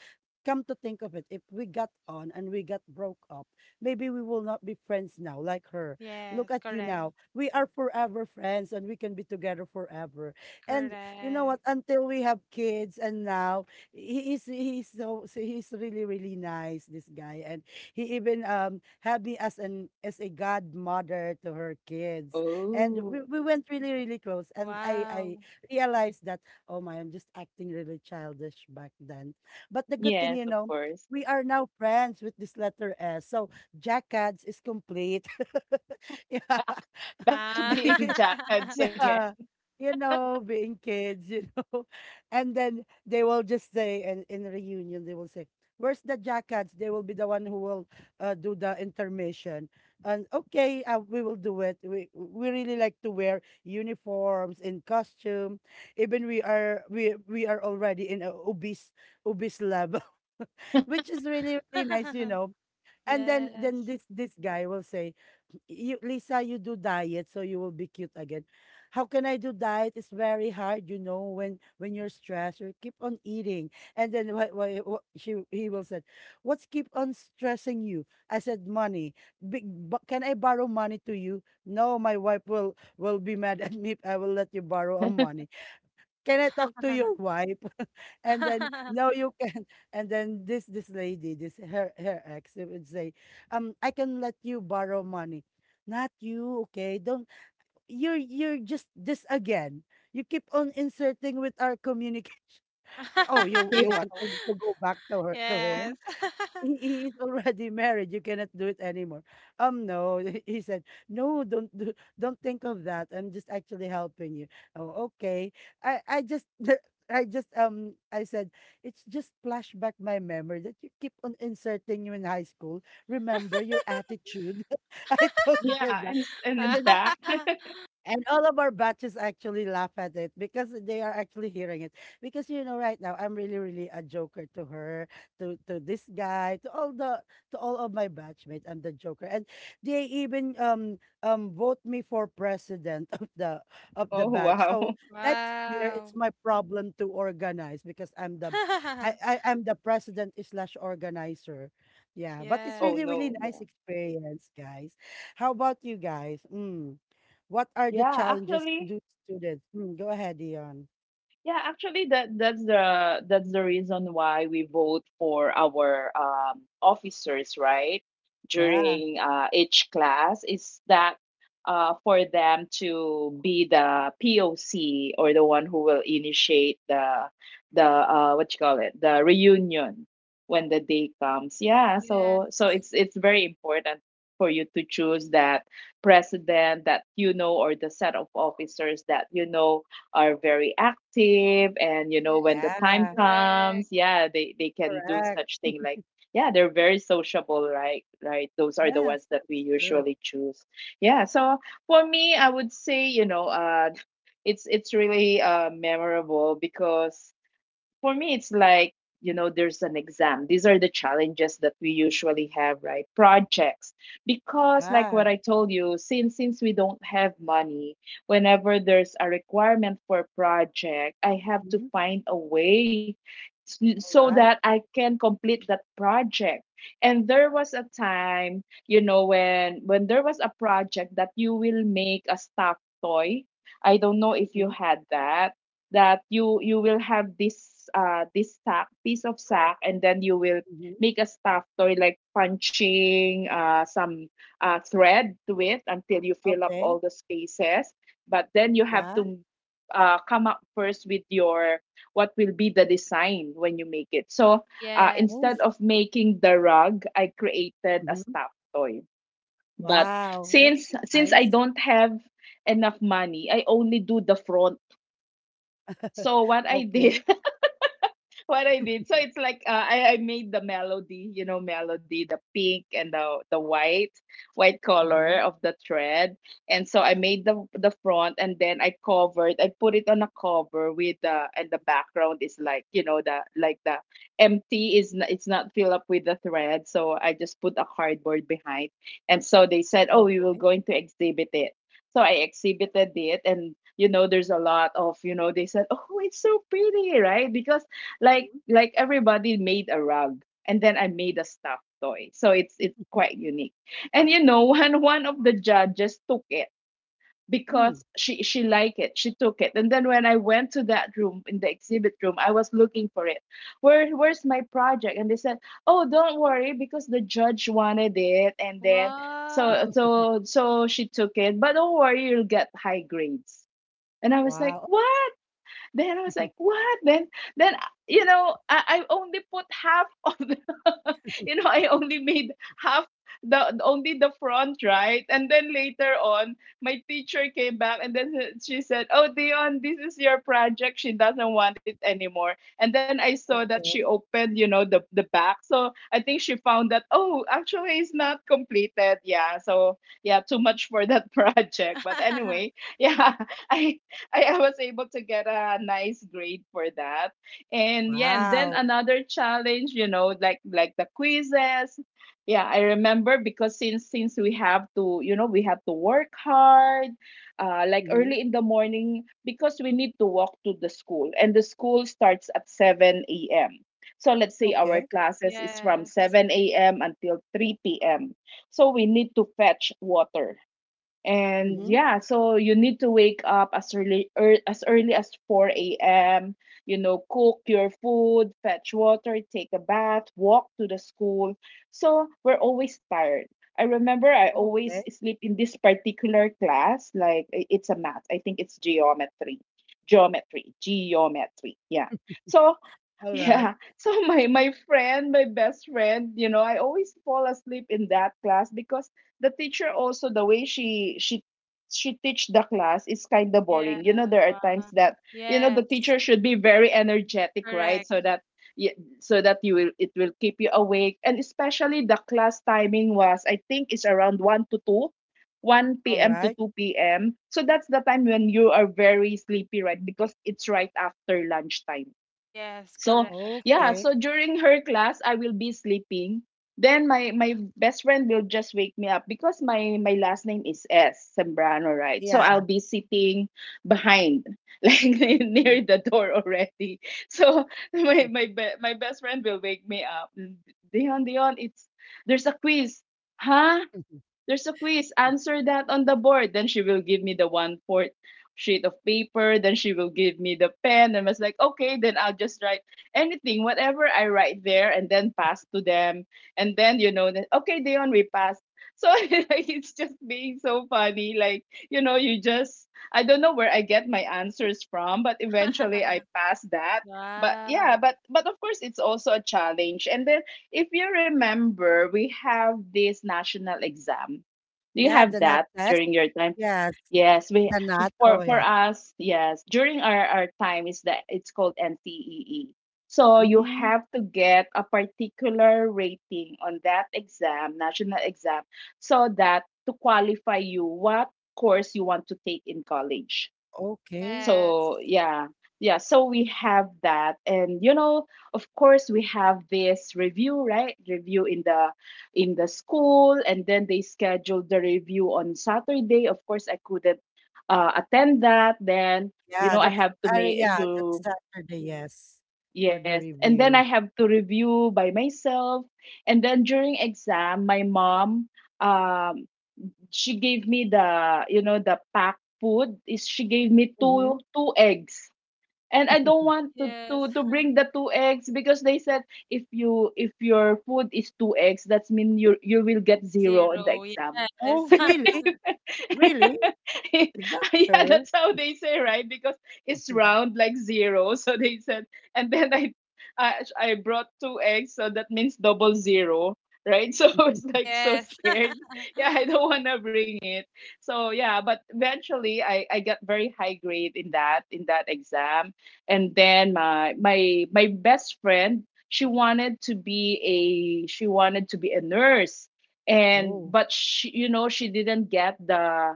Speaker 1: come to think of it, if we got on and we got broke up, maybe we will not be friends now, like her. Look
Speaker 3: Yes,
Speaker 1: at you
Speaker 3: correct,
Speaker 1: now. We are forever friends and we can be together forever. And you know what?
Speaker 3: correct.
Speaker 1: Until we have kids, and now he is he's so, so he's really really nice. This guy, and he even um had me as an as a godmother to her kids, and
Speaker 2: Oh,
Speaker 1: we, we went really really close, and i i
Speaker 3: Wow.
Speaker 1: realized that. Oh my, I'm just acting really childish back then. But the good thing,
Speaker 2: yes,
Speaker 1: you
Speaker 2: of
Speaker 1: know,
Speaker 2: course.
Speaker 1: we are now friends with this letter S. So Jackads is complete. yeah.
Speaker 2: Back, back to
Speaker 3: Ah.
Speaker 2: being jackheads again.
Speaker 1: Yeah, you know, being kids, you know. And then they will just say, and in reunion, they will say, where's the jackets? They will be the one who will uh, do the intermission. And okay, uh, we will do it. We we really like to wear uniforms in costume. Even we are we we are already in a obese obese level, which is really really nice, you know. And then then
Speaker 3: Yes.
Speaker 1: this this guy will say, "You Lisa, you do diet so you will be cute again." How can I do diet? It's very hard, you know, when when you're stressed, you keep on eating. And then why why wha- she he will say, "What's keep on stressing you?" I said, "Money. Big, bu- can I borrow money to you?" No, my wife will will be mad at me if I will let you borrow her money. Can I talk to your wife? And then no, you can. And then this this lady, this her her ex, it would say, um, I can let you borrow money. Not you, okay? Don't, you're you're just this again. You keep on inserting with our communication. Oh, you
Speaker 2: Yeah.
Speaker 1: you want to, to go back to her to
Speaker 3: Yes.
Speaker 1: him? He he is already married. You cannot do it anymore. Um, no, he said, no, don't do, don't think of that. I'm just actually helping you. Oh, okay. I I just I just um I said it's just flashback my memory that you keep on inserting you in high school. Remember your attitude. I told her
Speaker 2: Yeah,
Speaker 1: that.
Speaker 2: and s-
Speaker 1: And
Speaker 2: and
Speaker 1: then
Speaker 2: back.
Speaker 1: and all of our batches actually laugh at it because they are actually hearing it. Because you know, right now I'm really, really a joker to her, to to this guy, to all the to all of my batchmates. I'm the joker, and they even um um vote me for president of the of the
Speaker 2: Oh,
Speaker 1: batch.
Speaker 2: wow.
Speaker 1: So next year
Speaker 3: Wow.
Speaker 1: it's my problem to organize because I'm the I I am the president slash organizer. Yeah, but it's
Speaker 2: Oh
Speaker 1: really,
Speaker 3: Yes.
Speaker 1: really
Speaker 2: no. Yeah.
Speaker 1: nice experience, guys. How about you guys? Mm. What are the
Speaker 2: Yeah,
Speaker 1: challenges
Speaker 2: actually,
Speaker 1: due to students? Mm, go ahead, Dion.
Speaker 2: Yeah, actually, that that's the that's the reason why we vote for our, um, officers, right?
Speaker 1: Yeah,
Speaker 2: During uh, each class, is that uh, for them to be the P O C or the one who will initiate the the uh, what you call it, the reunion when the day comes. Yeah, so so
Speaker 3: Yes.
Speaker 2: it's it's very important for you to choose that president that you know, or the set of officers that you know are very active, and you know when the
Speaker 3: Yes,
Speaker 2: time
Speaker 1: yeah,
Speaker 2: comes,
Speaker 3: correct.
Speaker 2: yeah, they they can do
Speaker 1: correct.
Speaker 2: such thing like yeah, they're very sociable, right? Right, those are the
Speaker 1: Yes,
Speaker 2: ones that we
Speaker 1: that's true.
Speaker 2: usually choose. Yeah, so for me, I would say, you know, uh it's it's really uh memorable because for me, it's like, you know, there's an exam. These are the challenges that we usually have, right? Projects. Because like what
Speaker 1: Yeah.
Speaker 2: I told you, since since we don't have money, whenever there's a requirement for a project, I have to
Speaker 1: Mhm.
Speaker 2: find a way s-
Speaker 1: All
Speaker 2: so
Speaker 1: right.
Speaker 2: that I can complete that project. And there was a time, you know, when when there was a project that you will make a stuffed toy. I don't know if you
Speaker 1: Mm-hmm.
Speaker 2: had that, that you you will have this uh this sack, piece of sack, and then you will
Speaker 1: Mm-hmm.
Speaker 2: make a stuffed toy, like punching uh some uh thread to it until you fill up
Speaker 1: Okay.
Speaker 2: all the spaces. But then you have
Speaker 1: Yeah.
Speaker 2: to uh, come up first with your what will be the design when you make it. So uh,
Speaker 1: Oh,
Speaker 2: instead
Speaker 3: Yes.
Speaker 2: of making the rug, I created a
Speaker 1: hmm.
Speaker 2: stuffed toy. But
Speaker 1: Wow, that's
Speaker 2: since since I
Speaker 1: nice.
Speaker 2: don't have enough money, I only do the front. So what I did,
Speaker 1: Okay.
Speaker 2: what I did. So it's like, uh, I I made the melody, you know, melody, the pink and the the white white color
Speaker 1: Mm-hmm.
Speaker 2: of the thread, and so I made the the front, and then I covered. I put it on a cover with the, and the background is like, you know, the, like the empty is n- it's not filled up with the thread, so I just put a cardboard behind, and so they said, oh, we will
Speaker 1: Okay.
Speaker 2: going to exhibit it. So I exhibited it, and you know, there's a lot of, you know, they said, oh, it's so pretty, right? Because like like everybody made a rug and then I made a stuffed toy. So it's it's quite unique. And you know, one one of the judges took it
Speaker 1: Mm-hmm.
Speaker 2: because she she liked it. She took it. And then when I went to that room in the exhibit room, I was looking for it. Where where's my project? And they said, "Oh, don't worry because the judge wanted it." And then so
Speaker 3: Wow.
Speaker 2: so so she took it. But don't worry, you'll get high grades. And I was like,
Speaker 1: Wow.
Speaker 2: "What?" Then I was like, what? Then then you know, I, I only put half of the, you know, I only made half, the only the front, right? And then later on, my teacher came back and then she said, oh, Dion, this is your project, she doesn't want it anymore. And then I saw that she
Speaker 1: Okay.
Speaker 2: opened, you know, the the back, so I think she found that, oh, actually it's not completed. Yeah, so yeah, too much for that project, but anyway, yeah. i I, I was able to get a nice grade for that. And yeah, and then
Speaker 1: Wow.
Speaker 2: another challenge, you know, like like the quizzes. Yeah, I remember because since since we have to, you know, we have to work hard, uh, like
Speaker 1: Mm-hmm.
Speaker 2: early in the morning because we need to walk to the school, and the school starts at seven a m. So let's say our
Speaker 1: Okay.
Speaker 2: classes is from
Speaker 3: Yes.
Speaker 2: seven a m until three p m. So we need to fetch water. And
Speaker 1: Mm-hmm.
Speaker 2: yeah, so you need to wake up as early er, as early as four a m. You know, cook your food, fetch water, take a bath, walk to the school. So we're always tired. I remember I always
Speaker 1: Okay.
Speaker 2: sleep in this particular class, like i- it's a math. I think it's geometry. Geometry, geometry. Yeah. So
Speaker 1: All right.
Speaker 2: yeah. So my my friend, my best friend, you know, I always fall asleep in that class because the teacher, also the way she she she teach the class is kind of
Speaker 3: Yeah.
Speaker 2: boring. You know, there are times
Speaker 3: Wow.
Speaker 2: that, you know, the
Speaker 3: Yes.
Speaker 2: teacher should be very energetic, right?
Speaker 3: Correct.
Speaker 2: So that y- so that you will, it will keep you awake. And especially the class timing was, I think it's around one to two. 1
Speaker 1: All
Speaker 2: p.m. to
Speaker 1: right.
Speaker 2: two p m. So that's the time when you are very sleepy, right? Because it's right after lunchtime.
Speaker 3: Yes,
Speaker 2: So
Speaker 3: correct.
Speaker 2: yeah,
Speaker 1: Okay.
Speaker 2: so during her class, I will be sleeping. Then my my best friend will just wake me up because my my last name is S Sembrano, right? So I'll
Speaker 1: Yeah.
Speaker 2: be sitting behind, like
Speaker 1: Mhm.
Speaker 2: near the door already. So my my be- my best friend will wake me up. Dion, Dion, it's, there's a quiz, huh? There's a quiz. Answer that on the board. Then she will give me the one fourth sheet of paper. Then she will give me the pen. And I was like, okay, then I'll just write anything, whatever I write there, and then pass to them. And then, you know, then, okay, Dion, we passed. So like, it's just being so funny. Like, you know, you just, I don't know where I get my answers from, but eventually I pass that. But yeah,
Speaker 3: Wow.
Speaker 2: but but of course it's also a challenge. And then if you remember, we have this national exam. Do you
Speaker 1: Yeah,
Speaker 2: have
Speaker 1: the not
Speaker 2: that
Speaker 1: test.
Speaker 2: during your time?
Speaker 1: Yes.
Speaker 2: Yes, we,
Speaker 1: The nut? Oh,
Speaker 2: for for
Speaker 1: yeah.
Speaker 2: us, yes. During our, our time is that it's called N T E E. So you
Speaker 1: Mm,
Speaker 2: have to get a particular rating on that exam, national exam, so that to qualify you what course you want to take in college.
Speaker 1: okay.
Speaker 3: Yes.
Speaker 2: So yeah, yeah, so we have that. And you know, of course we have this review, right? Review in the, in the school, and then they scheduled the review on Saturday. Of course, I couldn't uh, attend that. Then you
Speaker 1: Yeah,
Speaker 2: know I
Speaker 1: that's
Speaker 2: have to
Speaker 1: uh,
Speaker 2: make
Speaker 1: yeah, that's
Speaker 2: to,
Speaker 1: Saturday, yes, for
Speaker 2: yes,
Speaker 1: the
Speaker 2: and then I
Speaker 1: review.
Speaker 2: have to review by myself. And then during exam, my mom, um she gave me the, you know, the packed food is, she gave me
Speaker 1: Hmm
Speaker 2: two two eggs. And I don't want to
Speaker 3: Yes.
Speaker 2: to to bring the two eggs because they said if you, if your food is two eggs, that's mean you, you will get zero in the
Speaker 3: Zero.
Speaker 2: exam.
Speaker 1: Oh,
Speaker 3: Yes.
Speaker 1: really? Really?
Speaker 2: Yeah,
Speaker 1: Is that true?
Speaker 2: that's how they say, right? Because it's round like zero. So they said, and then I, I, I brought two eggs, so that means double zero, right? So I was like so
Speaker 3: Yes.
Speaker 2: scared. Yeah, I don't want to bring it. So yeah, but eventually I, I got very high grade in that in that exam. And then my my my best friend, she wanted to be a, she wanted to be a nurse. And
Speaker 1: Oh,
Speaker 2: but she, you know, she didn't get the,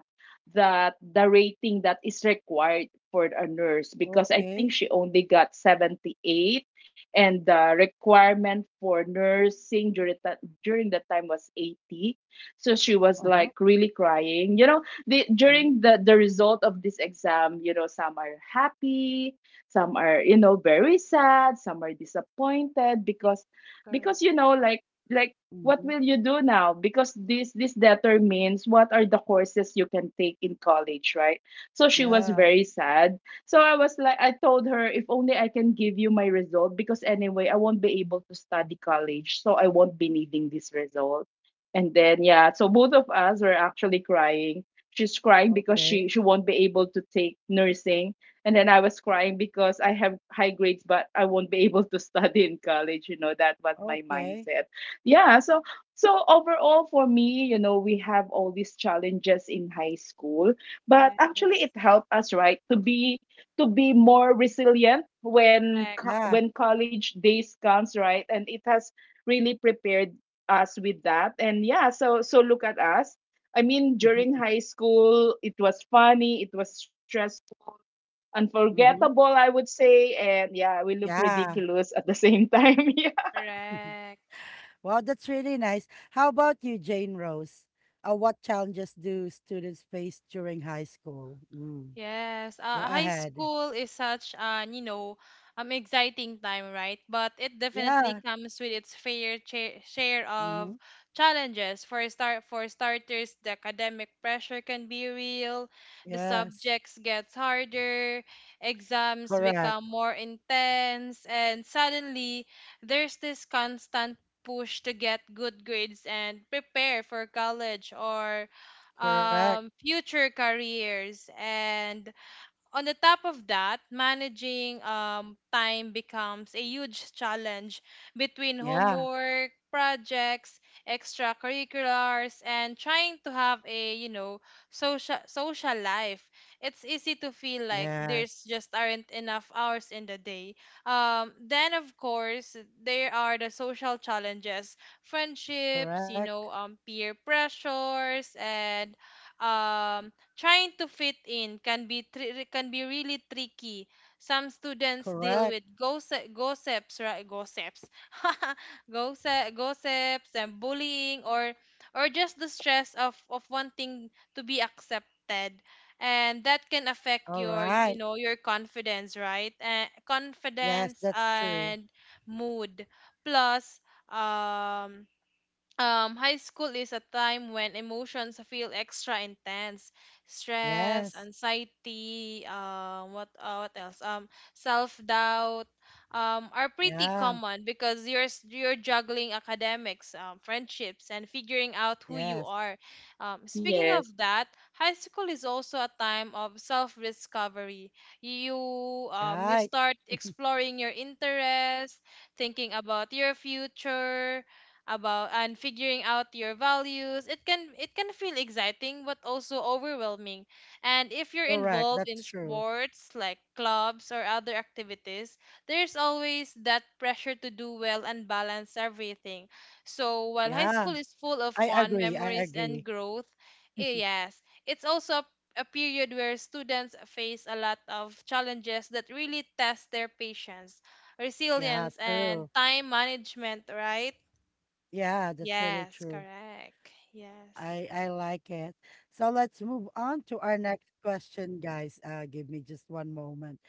Speaker 2: the the rating that is required for a nurse, because I
Speaker 1: okay.
Speaker 2: think she only got seventy-eight. And the requirement for nursing during that during that time was eighty. So she was
Speaker 1: Uh-huh.
Speaker 2: like really crying. You know, the,
Speaker 1: Mm-hmm.
Speaker 2: during the the result of this exam, you know, some are happy, some are, you know, very sad, some are disappointed
Speaker 3: Yes,
Speaker 2: because
Speaker 3: correct.
Speaker 2: because you know, like like what
Speaker 1: Mm-hmm.
Speaker 2: will you do now, because this this determines what are the courses you can take in college, right? So she was
Speaker 1: Yeah.
Speaker 2: very sad. So I was like, I told her, if only I can give you my result, because anyway I won't be able to study college, so I won't be needing this result. And then yeah, so both of us were actually crying. She's crying because
Speaker 1: Okay.
Speaker 2: she she won't be able to take nursing, and then I was crying because I have high grades but I won't be able to study in college. You know, that was my
Speaker 1: Okay.
Speaker 2: mindset. Yeah, so so overall for me, you know, we have all these challenges in high school, but actually
Speaker 3: Yes.
Speaker 2: it helped us, right, to be, to be more resilient when co-
Speaker 3: Correct.
Speaker 1: Yeah.
Speaker 2: when college days comes, right? And it has really prepared us with that. And yeah, so so look at us. I mean, during high school, it was funny, it was stressful, unforgettable,
Speaker 1: Mm-hmm.
Speaker 2: I would say, and yeah, we look
Speaker 1: Yeah.
Speaker 2: ridiculous at the same time. Yeah.
Speaker 3: Correct.
Speaker 1: Wow, that's really nice. How about you, Jane Rose? Uh, what challenges do students face during high school? Mm.
Speaker 3: Yes,
Speaker 1: Go
Speaker 3: uh, high
Speaker 1: ahead.
Speaker 3: school is such an, you know, um, exciting time, right? But it definitely
Speaker 1: Yeah.
Speaker 3: comes with its fair cha- share of
Speaker 1: Mhm.
Speaker 3: challenges. For start, for starters, the academic pressure can be real. The
Speaker 1: Yes.
Speaker 3: subjects gets harder, exams
Speaker 1: Correct.
Speaker 3: become more intense, and suddenly there's this constant push to get good grades and prepare for college or
Speaker 1: Correct.
Speaker 3: um, future careers, and on the top of that, managing um, time becomes a huge challenge between
Speaker 1: Yeah.
Speaker 3: homework, projects, extracurriculars, and trying to have a you know social social life. It's easy to feel like there's
Speaker 1: Yes.
Speaker 3: just aren't enough hours in the day. Um, then of course there are the social challenges, friendships, you
Speaker 1: Correct.
Speaker 3: know, um, peer pressures, and um trying to fit in can be tri- can be really tricky. Some students deal
Speaker 1: Correct.
Speaker 3: with gossip, gossips, right? Gossips, gossip, gossips, and bullying, or or just the stress of of wanting to be accepted, and that can affect
Speaker 1: All
Speaker 3: your you
Speaker 1: right.
Speaker 3: know your confidence, right? Uh,
Speaker 1: Yes,
Speaker 3: confidence
Speaker 1: that's true.
Speaker 3: and mood. Plus, um. Um, high school is a time when emotions feel extra intense, stress,
Speaker 1: Yes.
Speaker 3: anxiety, um, what uh, what else? Um, self doubt, um, are pretty
Speaker 1: Yeah.
Speaker 3: common because you're s- you're juggling academics, um, friendships, and figuring out who you
Speaker 1: Yes.
Speaker 3: are. Um, speaking
Speaker 2: Yes.
Speaker 3: of that, high school is also a time of self discovery. You um, you
Speaker 1: Right.
Speaker 3: start exploring your interests, thinking about your future about and figuring out your values. It can it can feel exciting but also overwhelming, and if you're
Speaker 1: Correct.
Speaker 3: involved in
Speaker 1: That's true.
Speaker 3: sports like clubs or other activities, there's always that pressure to do well and balance everything. So while high
Speaker 1: Yeah.
Speaker 3: school is full of
Speaker 1: I
Speaker 3: fun
Speaker 1: agree. I
Speaker 3: memories and
Speaker 1: agree.
Speaker 3: growth, eh, yes, it's also a a period where students face a lot of challenges that really test their patience,
Speaker 1: Yeah,
Speaker 3: resilience and
Speaker 1: true.
Speaker 3: time management, right?
Speaker 1: Yeah, that's really
Speaker 3: Yes,
Speaker 1: true.
Speaker 3: correct. Yes.
Speaker 1: I I like it. So let's move on to our next question, guys. Uh give me just one moment.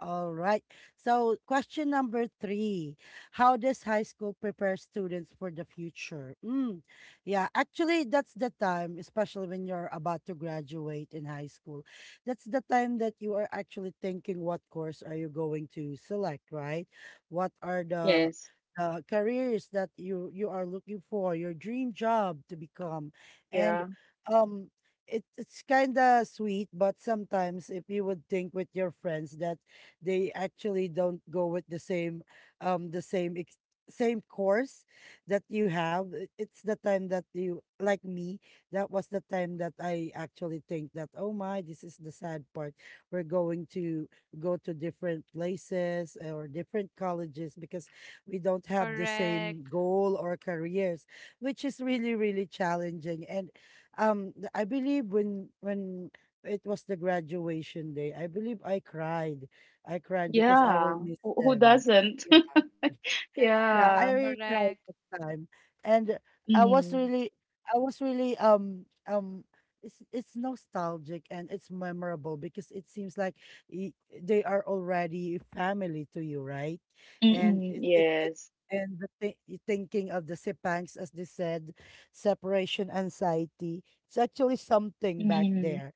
Speaker 1: All right. So, question number three. How does high school prepare students for the future? Mm, yeah, actually, that's the time, especially when you're about to graduate in high school, that's the time that you are actually thinking what course are you going to select, right? What are the
Speaker 2: Yes.
Speaker 1: uh, careers that you you are looking for your dream job to become, and
Speaker 2: Yeah.
Speaker 1: um it, it's kind of sweet but sometimes if you would think with your friends that they actually don't go with the same um the same ex- same course that you have. It- it's the time that, you like me, that was the time that I actually think that. Oh my, this is the sad part. We're going to go to different places or different colleges because we don't have the same
Speaker 3: Correct.
Speaker 1: goal or careers, which is really really challenging. And um th- I believe when when it was the graduation day, I believe I cried. I cried because I will
Speaker 2: Yeah,
Speaker 1: miss
Speaker 2: who who
Speaker 1: them.
Speaker 2: doesn't?
Speaker 1: Yeah, yeah,
Speaker 3: Yes,
Speaker 2: Yeah.
Speaker 1: I really cried
Speaker 3: correct.
Speaker 1: that time, and I was
Speaker 2: Mm.
Speaker 1: really, I was really um um. It's it's nostalgic and it's memorable because it seems like y- they are already family to you, right? And
Speaker 2: Mm-mm,
Speaker 1: it it, it
Speaker 2: yes.
Speaker 1: and the thi- y- thinking of the sipangs, as they said, separation anxiety. It's actually something back
Speaker 2: Mm.
Speaker 1: there.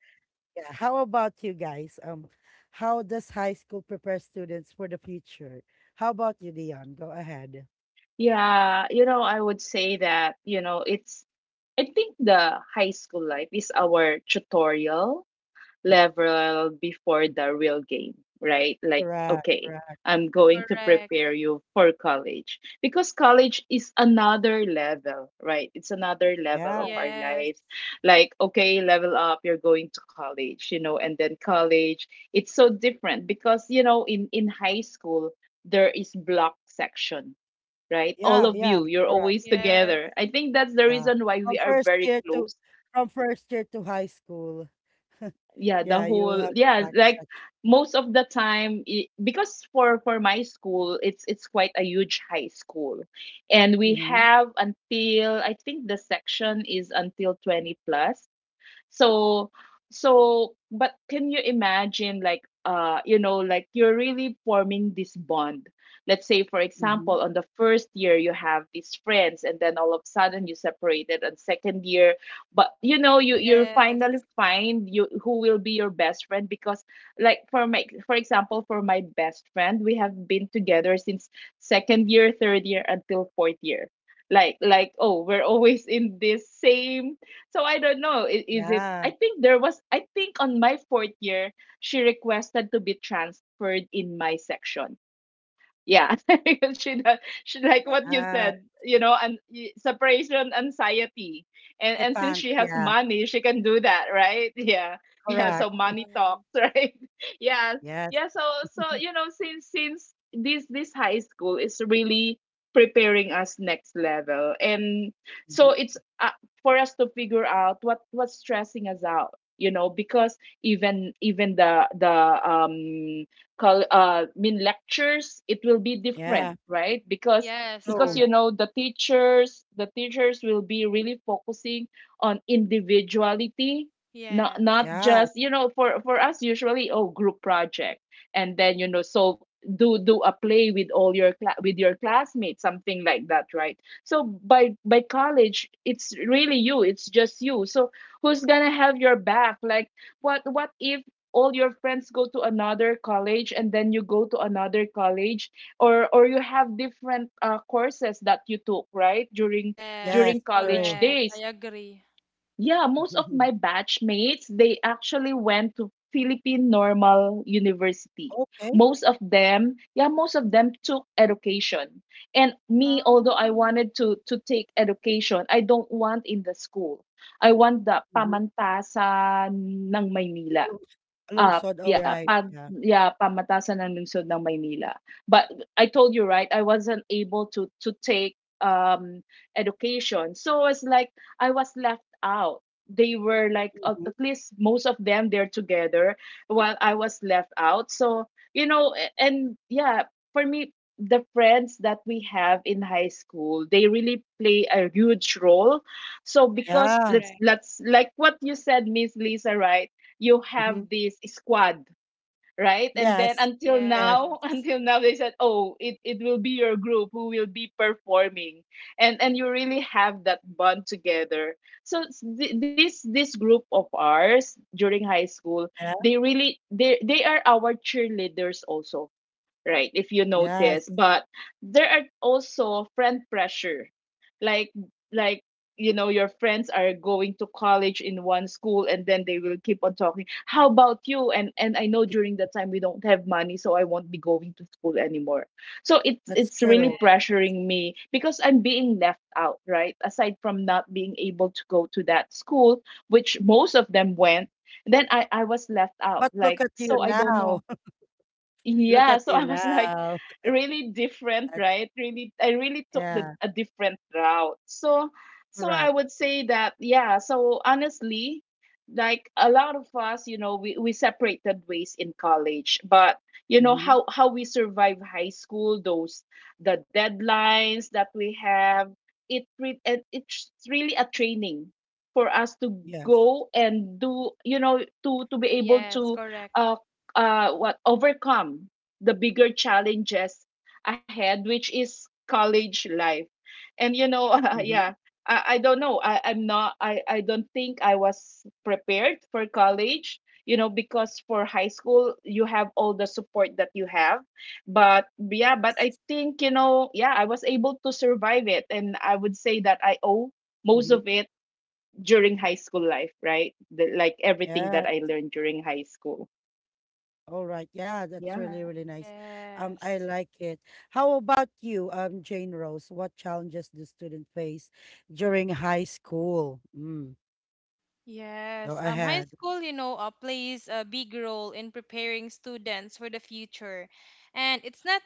Speaker 1: Yeah. How about you guys? Um, how does high school prepare students for the future? How about you, Dion? Go ahead.
Speaker 2: Yeah, you know, I would say that, you know, it's, I think the high school life is our tutorial level before the real game, right? Like,
Speaker 1: Correct.
Speaker 2: okay,
Speaker 1: Correct.
Speaker 2: I'm going to
Speaker 3: Correct.
Speaker 2: prepare you for college because college is another level, right? It's another level
Speaker 1: Yeah.
Speaker 2: of our
Speaker 3: Yes.
Speaker 2: lives. Like, okay, level up, you're going to college, you know, and then college, it's so different because, you know, in, in high school, there is block section, right? All
Speaker 1: Yeah.
Speaker 2: of
Speaker 1: Yeah.
Speaker 2: you, you're
Speaker 1: Correct.
Speaker 2: always
Speaker 3: Yes.
Speaker 2: together. I think that's the
Speaker 1: Yeah.
Speaker 2: reason why we
Speaker 1: From
Speaker 2: are
Speaker 1: first
Speaker 2: very
Speaker 1: year to
Speaker 2: close.
Speaker 1: from first year to high school.
Speaker 2: Yeah, the
Speaker 1: Yeah, you
Speaker 2: whole,
Speaker 1: have a
Speaker 2: yeah,
Speaker 1: black
Speaker 2: like
Speaker 1: section.
Speaker 2: most of the time, I, because for for my school, it's it's quite a huge high school, and we
Speaker 1: Mm-hmm.
Speaker 2: have, until I think, the section is until twenty plus. So so but can you imagine, like, uh you know, like, you're really forming this bond. Let's say, for
Speaker 1: Mm-hmm.
Speaker 2: example, on the first year you have these friends, and then all of a sudden you separated on second year. But, you know, you you
Speaker 3: Yes.
Speaker 2: finally find you who will be your best friend. Because, like, for my for example, for my best friend, we have been together since second year, third year, until fourth year. Like, like oh, we're always in this same — so I don't know. i- Is it?
Speaker 1: Yeah.
Speaker 2: I think there was. I think on my fourth year, she requested to be transferred in my section. Yeah, she does. She, like what you
Speaker 1: Yeah.
Speaker 2: said, you know, and y- separation anxiety, and
Speaker 1: The
Speaker 2: and since
Speaker 1: pants.
Speaker 2: she has
Speaker 1: Yeah.
Speaker 2: money, she can do that, right? Yeah, yeah.
Speaker 1: Correct.
Speaker 2: So
Speaker 3: Wow.
Speaker 2: money talks, right? Yeah,
Speaker 1: Yes.
Speaker 2: yeah. So so you know, since since this this high school is really preparing us next level, and so
Speaker 1: Hmm.
Speaker 2: it's, uh, for us to figure out what what's stressing us out, you know. Because even even the the um call uh mean lectures, it will be different,
Speaker 1: Yeah.
Speaker 2: right? because
Speaker 3: Yes,
Speaker 2: because
Speaker 1: True.
Speaker 2: you
Speaker 3: correct.
Speaker 2: know, the teachers the teachers will be really focusing on individuality, not
Speaker 3: Yes.
Speaker 2: not
Speaker 1: Yeah.
Speaker 2: just, you know, for for us, usually, oh, group project, and then, you know, so do do a play with all your cla- with your classmates, something like that, right? So by by college, it's really you. It's just you. So who's gonna have your back? Like, what what if all your friends go to another college and then you go to another college, or or you have different uh, courses that you took, right, during
Speaker 1: Yes.
Speaker 2: during
Speaker 3: Yes,
Speaker 2: college
Speaker 1: True.
Speaker 3: correct. I
Speaker 2: days?
Speaker 3: agree.
Speaker 2: Yeah, most of my batchmates, they actually went to Philippine Normal University.
Speaker 1: Okay.
Speaker 2: Most of them, yeah, most of them took education. And me, although I
Speaker 3: Um,
Speaker 2: wanted to to take education, I don't want in the school. I want the
Speaker 1: Mm-hmm.
Speaker 2: Pamantasan ng Maynila —
Speaker 1: Along
Speaker 2: up,
Speaker 1: lungsod,
Speaker 2: yeah,
Speaker 1: alright,
Speaker 2: pag,
Speaker 1: yeah.
Speaker 2: yeah, Pamatasan ng Lungsod ng Maynila. But I told you, right, I wasn't able to to take um education. So it's like I was left out. They were like, at
Speaker 1: Mhm.
Speaker 2: at least most of them, they're together, while I was left out. So, you know, a- and, yeah, for me the friends that we have in high school, they really play a huge role. So
Speaker 3: yes,
Speaker 2: because,
Speaker 1: Yeah,
Speaker 2: let's
Speaker 3: correct.
Speaker 2: let's like what you said, Miss Lisa, right, you
Speaker 1: mhm.
Speaker 2: have this squad, right? And then,
Speaker 1: Yes.
Speaker 2: until
Speaker 1: Yes,
Speaker 2: now,
Speaker 3: Yes.
Speaker 2: until now they said, oh, it, it will be your group who will be performing, and and you really have that bond together. So, s- thi- this this group of ours during high school,
Speaker 1: yeah,
Speaker 2: they really they they are our cheerleaders also, right? If you
Speaker 1: yes.
Speaker 2: notice, but there are also friend pressure. Like like, you know, your friends are going to college in one school, and then they will keep on talking, how about you? And and I know, during that time we don't have money, so I won't be going to school anymore. So it's
Speaker 1: That's
Speaker 2: it's really
Speaker 1: true.
Speaker 3: Yes.
Speaker 2: pressuring me because I'm being left out, right, aside from not being able to go to that school which most of them went. Then i i was left out,
Speaker 1: But look
Speaker 2: like,
Speaker 1: at you
Speaker 2: so I don't
Speaker 1: now.
Speaker 2: know.
Speaker 1: Look
Speaker 2: Yeah,
Speaker 1: at
Speaker 2: so
Speaker 1: you
Speaker 2: I was like,
Speaker 1: now.
Speaker 2: really different,
Speaker 1: At
Speaker 2: right? Really, I really took the
Speaker 1: yeah,
Speaker 2: a different route. So, so
Speaker 1: correct.
Speaker 2: I would say that, yeah. So honestly, like a lot of us, you know, we we separated ways in college. But you know,
Speaker 1: Mhm.
Speaker 2: how how we survive high school, those, the deadlines that we have, it re- and it's really a training for us to
Speaker 1: Yes.
Speaker 2: go and do, you know, to to be able
Speaker 3: Yes,
Speaker 2: to
Speaker 3: correct.
Speaker 2: uh, uh, what overcome the bigger challenges ahead, which is college life. And you know, uh,
Speaker 1: Mhm,
Speaker 2: yeah, I, I don't know. I, I'm not. I I don't think I was prepared for college. You know, because for high school you have all the support that you have. But yeah, but I
Speaker 3: Yes.
Speaker 2: think, you know, yeah, I was able to survive it, and I would say that I owe most
Speaker 1: mhm.
Speaker 2: of it during high school life, right? The, like, everything
Speaker 1: Yeah,
Speaker 2: that I learned during high school.
Speaker 1: alright. Yeah, that's
Speaker 2: Yeah.
Speaker 1: really, really nice. Um, I
Speaker 3: Yes.
Speaker 1: like it. How about you, um, Jane Rose? What challenges do students face during high school? Mm, go
Speaker 3: Yes, um, high
Speaker 1: ahead.
Speaker 3: school, you know, uh, plays a big role in preparing students for the future. And it's not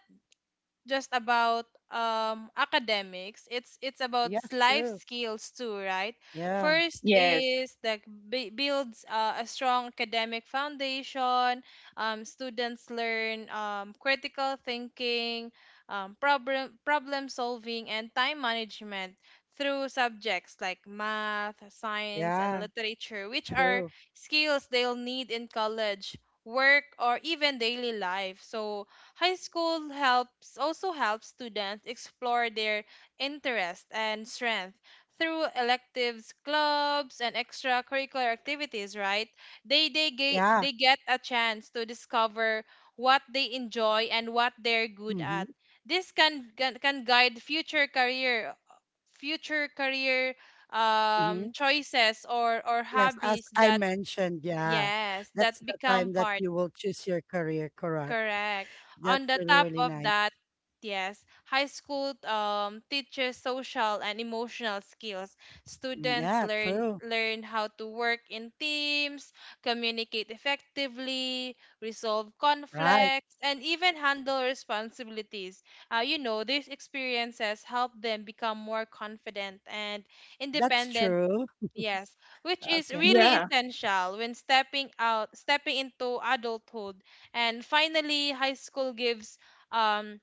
Speaker 3: just about um academics, it's it's about
Speaker 1: Yes,
Speaker 3: life
Speaker 1: true.
Speaker 3: skills too, right?
Speaker 1: Yeah.
Speaker 3: First
Speaker 2: Yes.
Speaker 3: is that b- builds uh, a strong academic foundation. Um, students learn um, critical thinking, um, problem problem solving and time management through subjects like math, science and
Speaker 1: Yeah,
Speaker 3: literature, which are
Speaker 1: true.
Speaker 3: skills they'll need in college, work or even daily life. So high school helps also helps students explore their interest and strength through electives, clubs, and extracurricular activities, right? They they ge-
Speaker 1: Yeah.
Speaker 3: they get a chance to discover what they enjoy and what they're good
Speaker 1: Mm-hmm.
Speaker 3: at. This can can, can guide future career future career
Speaker 1: Mm-hmm.
Speaker 3: um choices or or
Speaker 1: Yes, as
Speaker 3: hobbies
Speaker 1: I
Speaker 3: that
Speaker 1: mentioned, yeah,
Speaker 3: yes, that
Speaker 1: that's the
Speaker 3: become
Speaker 1: time that
Speaker 3: part.
Speaker 1: you will choose your career, correct?
Speaker 3: Correct.
Speaker 1: That's
Speaker 3: On the
Speaker 1: really,
Speaker 3: top
Speaker 1: really
Speaker 3: of
Speaker 1: nice.
Speaker 3: that, yes, high school um, teaches social and emotional skills.
Speaker 1: Mm,
Speaker 3: Students
Speaker 1: yeah,
Speaker 3: learn
Speaker 1: true.
Speaker 3: learn how to work in teams, communicate effectively, resolve
Speaker 1: Right.
Speaker 3: conflicts, and even handle responsibilities. Uh, you know, these experiences help them become more confident and
Speaker 1: That's
Speaker 3: independent.
Speaker 1: true.
Speaker 3: Yes, which is
Speaker 1: Okay.
Speaker 3: really
Speaker 2: Yeah.
Speaker 3: essential when stepping out, stepping into adulthood. And finally, high school gives um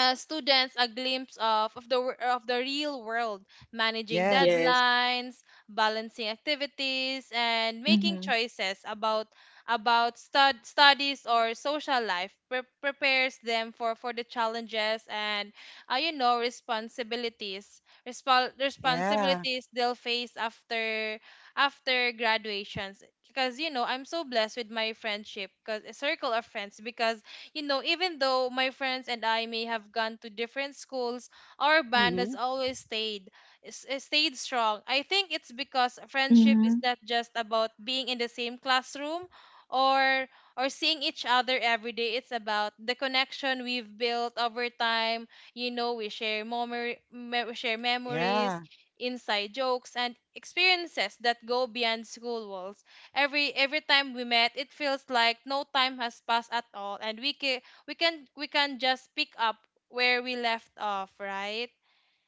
Speaker 3: uh, students a glimpse of, of the wor- of the real world, managing
Speaker 1: Yes.
Speaker 2: Yes.
Speaker 3: deadlines, balancing activities, and making
Speaker 2: Mhm.
Speaker 3: choices about about stud, studies or social life. Pre- prepares them for, for the challenges and uh, you know responsibilities. Respo-
Speaker 1: Yeah.
Speaker 3: responsibilities they'll face after after graduations. Because you know I'm so blessed with my friendship, because circle of friends, because you know, even though my friends and I may have gone to different schools, our band
Speaker 1: Mm-hmm.
Speaker 3: has always stayed s- uh, stayed strong. I think it's because friendship is
Speaker 2: Mhm.
Speaker 3: not just about being in the same classroom or or seeing each other every day. It's about the connection we've built over time. You know, we share memory, me- we share memories,
Speaker 1: Yeah.
Speaker 3: inside jokes, and experiences that go beyond school walls. every every time we met it feels like no time has passed at all, and we can we can we can just pick up where we left off, right?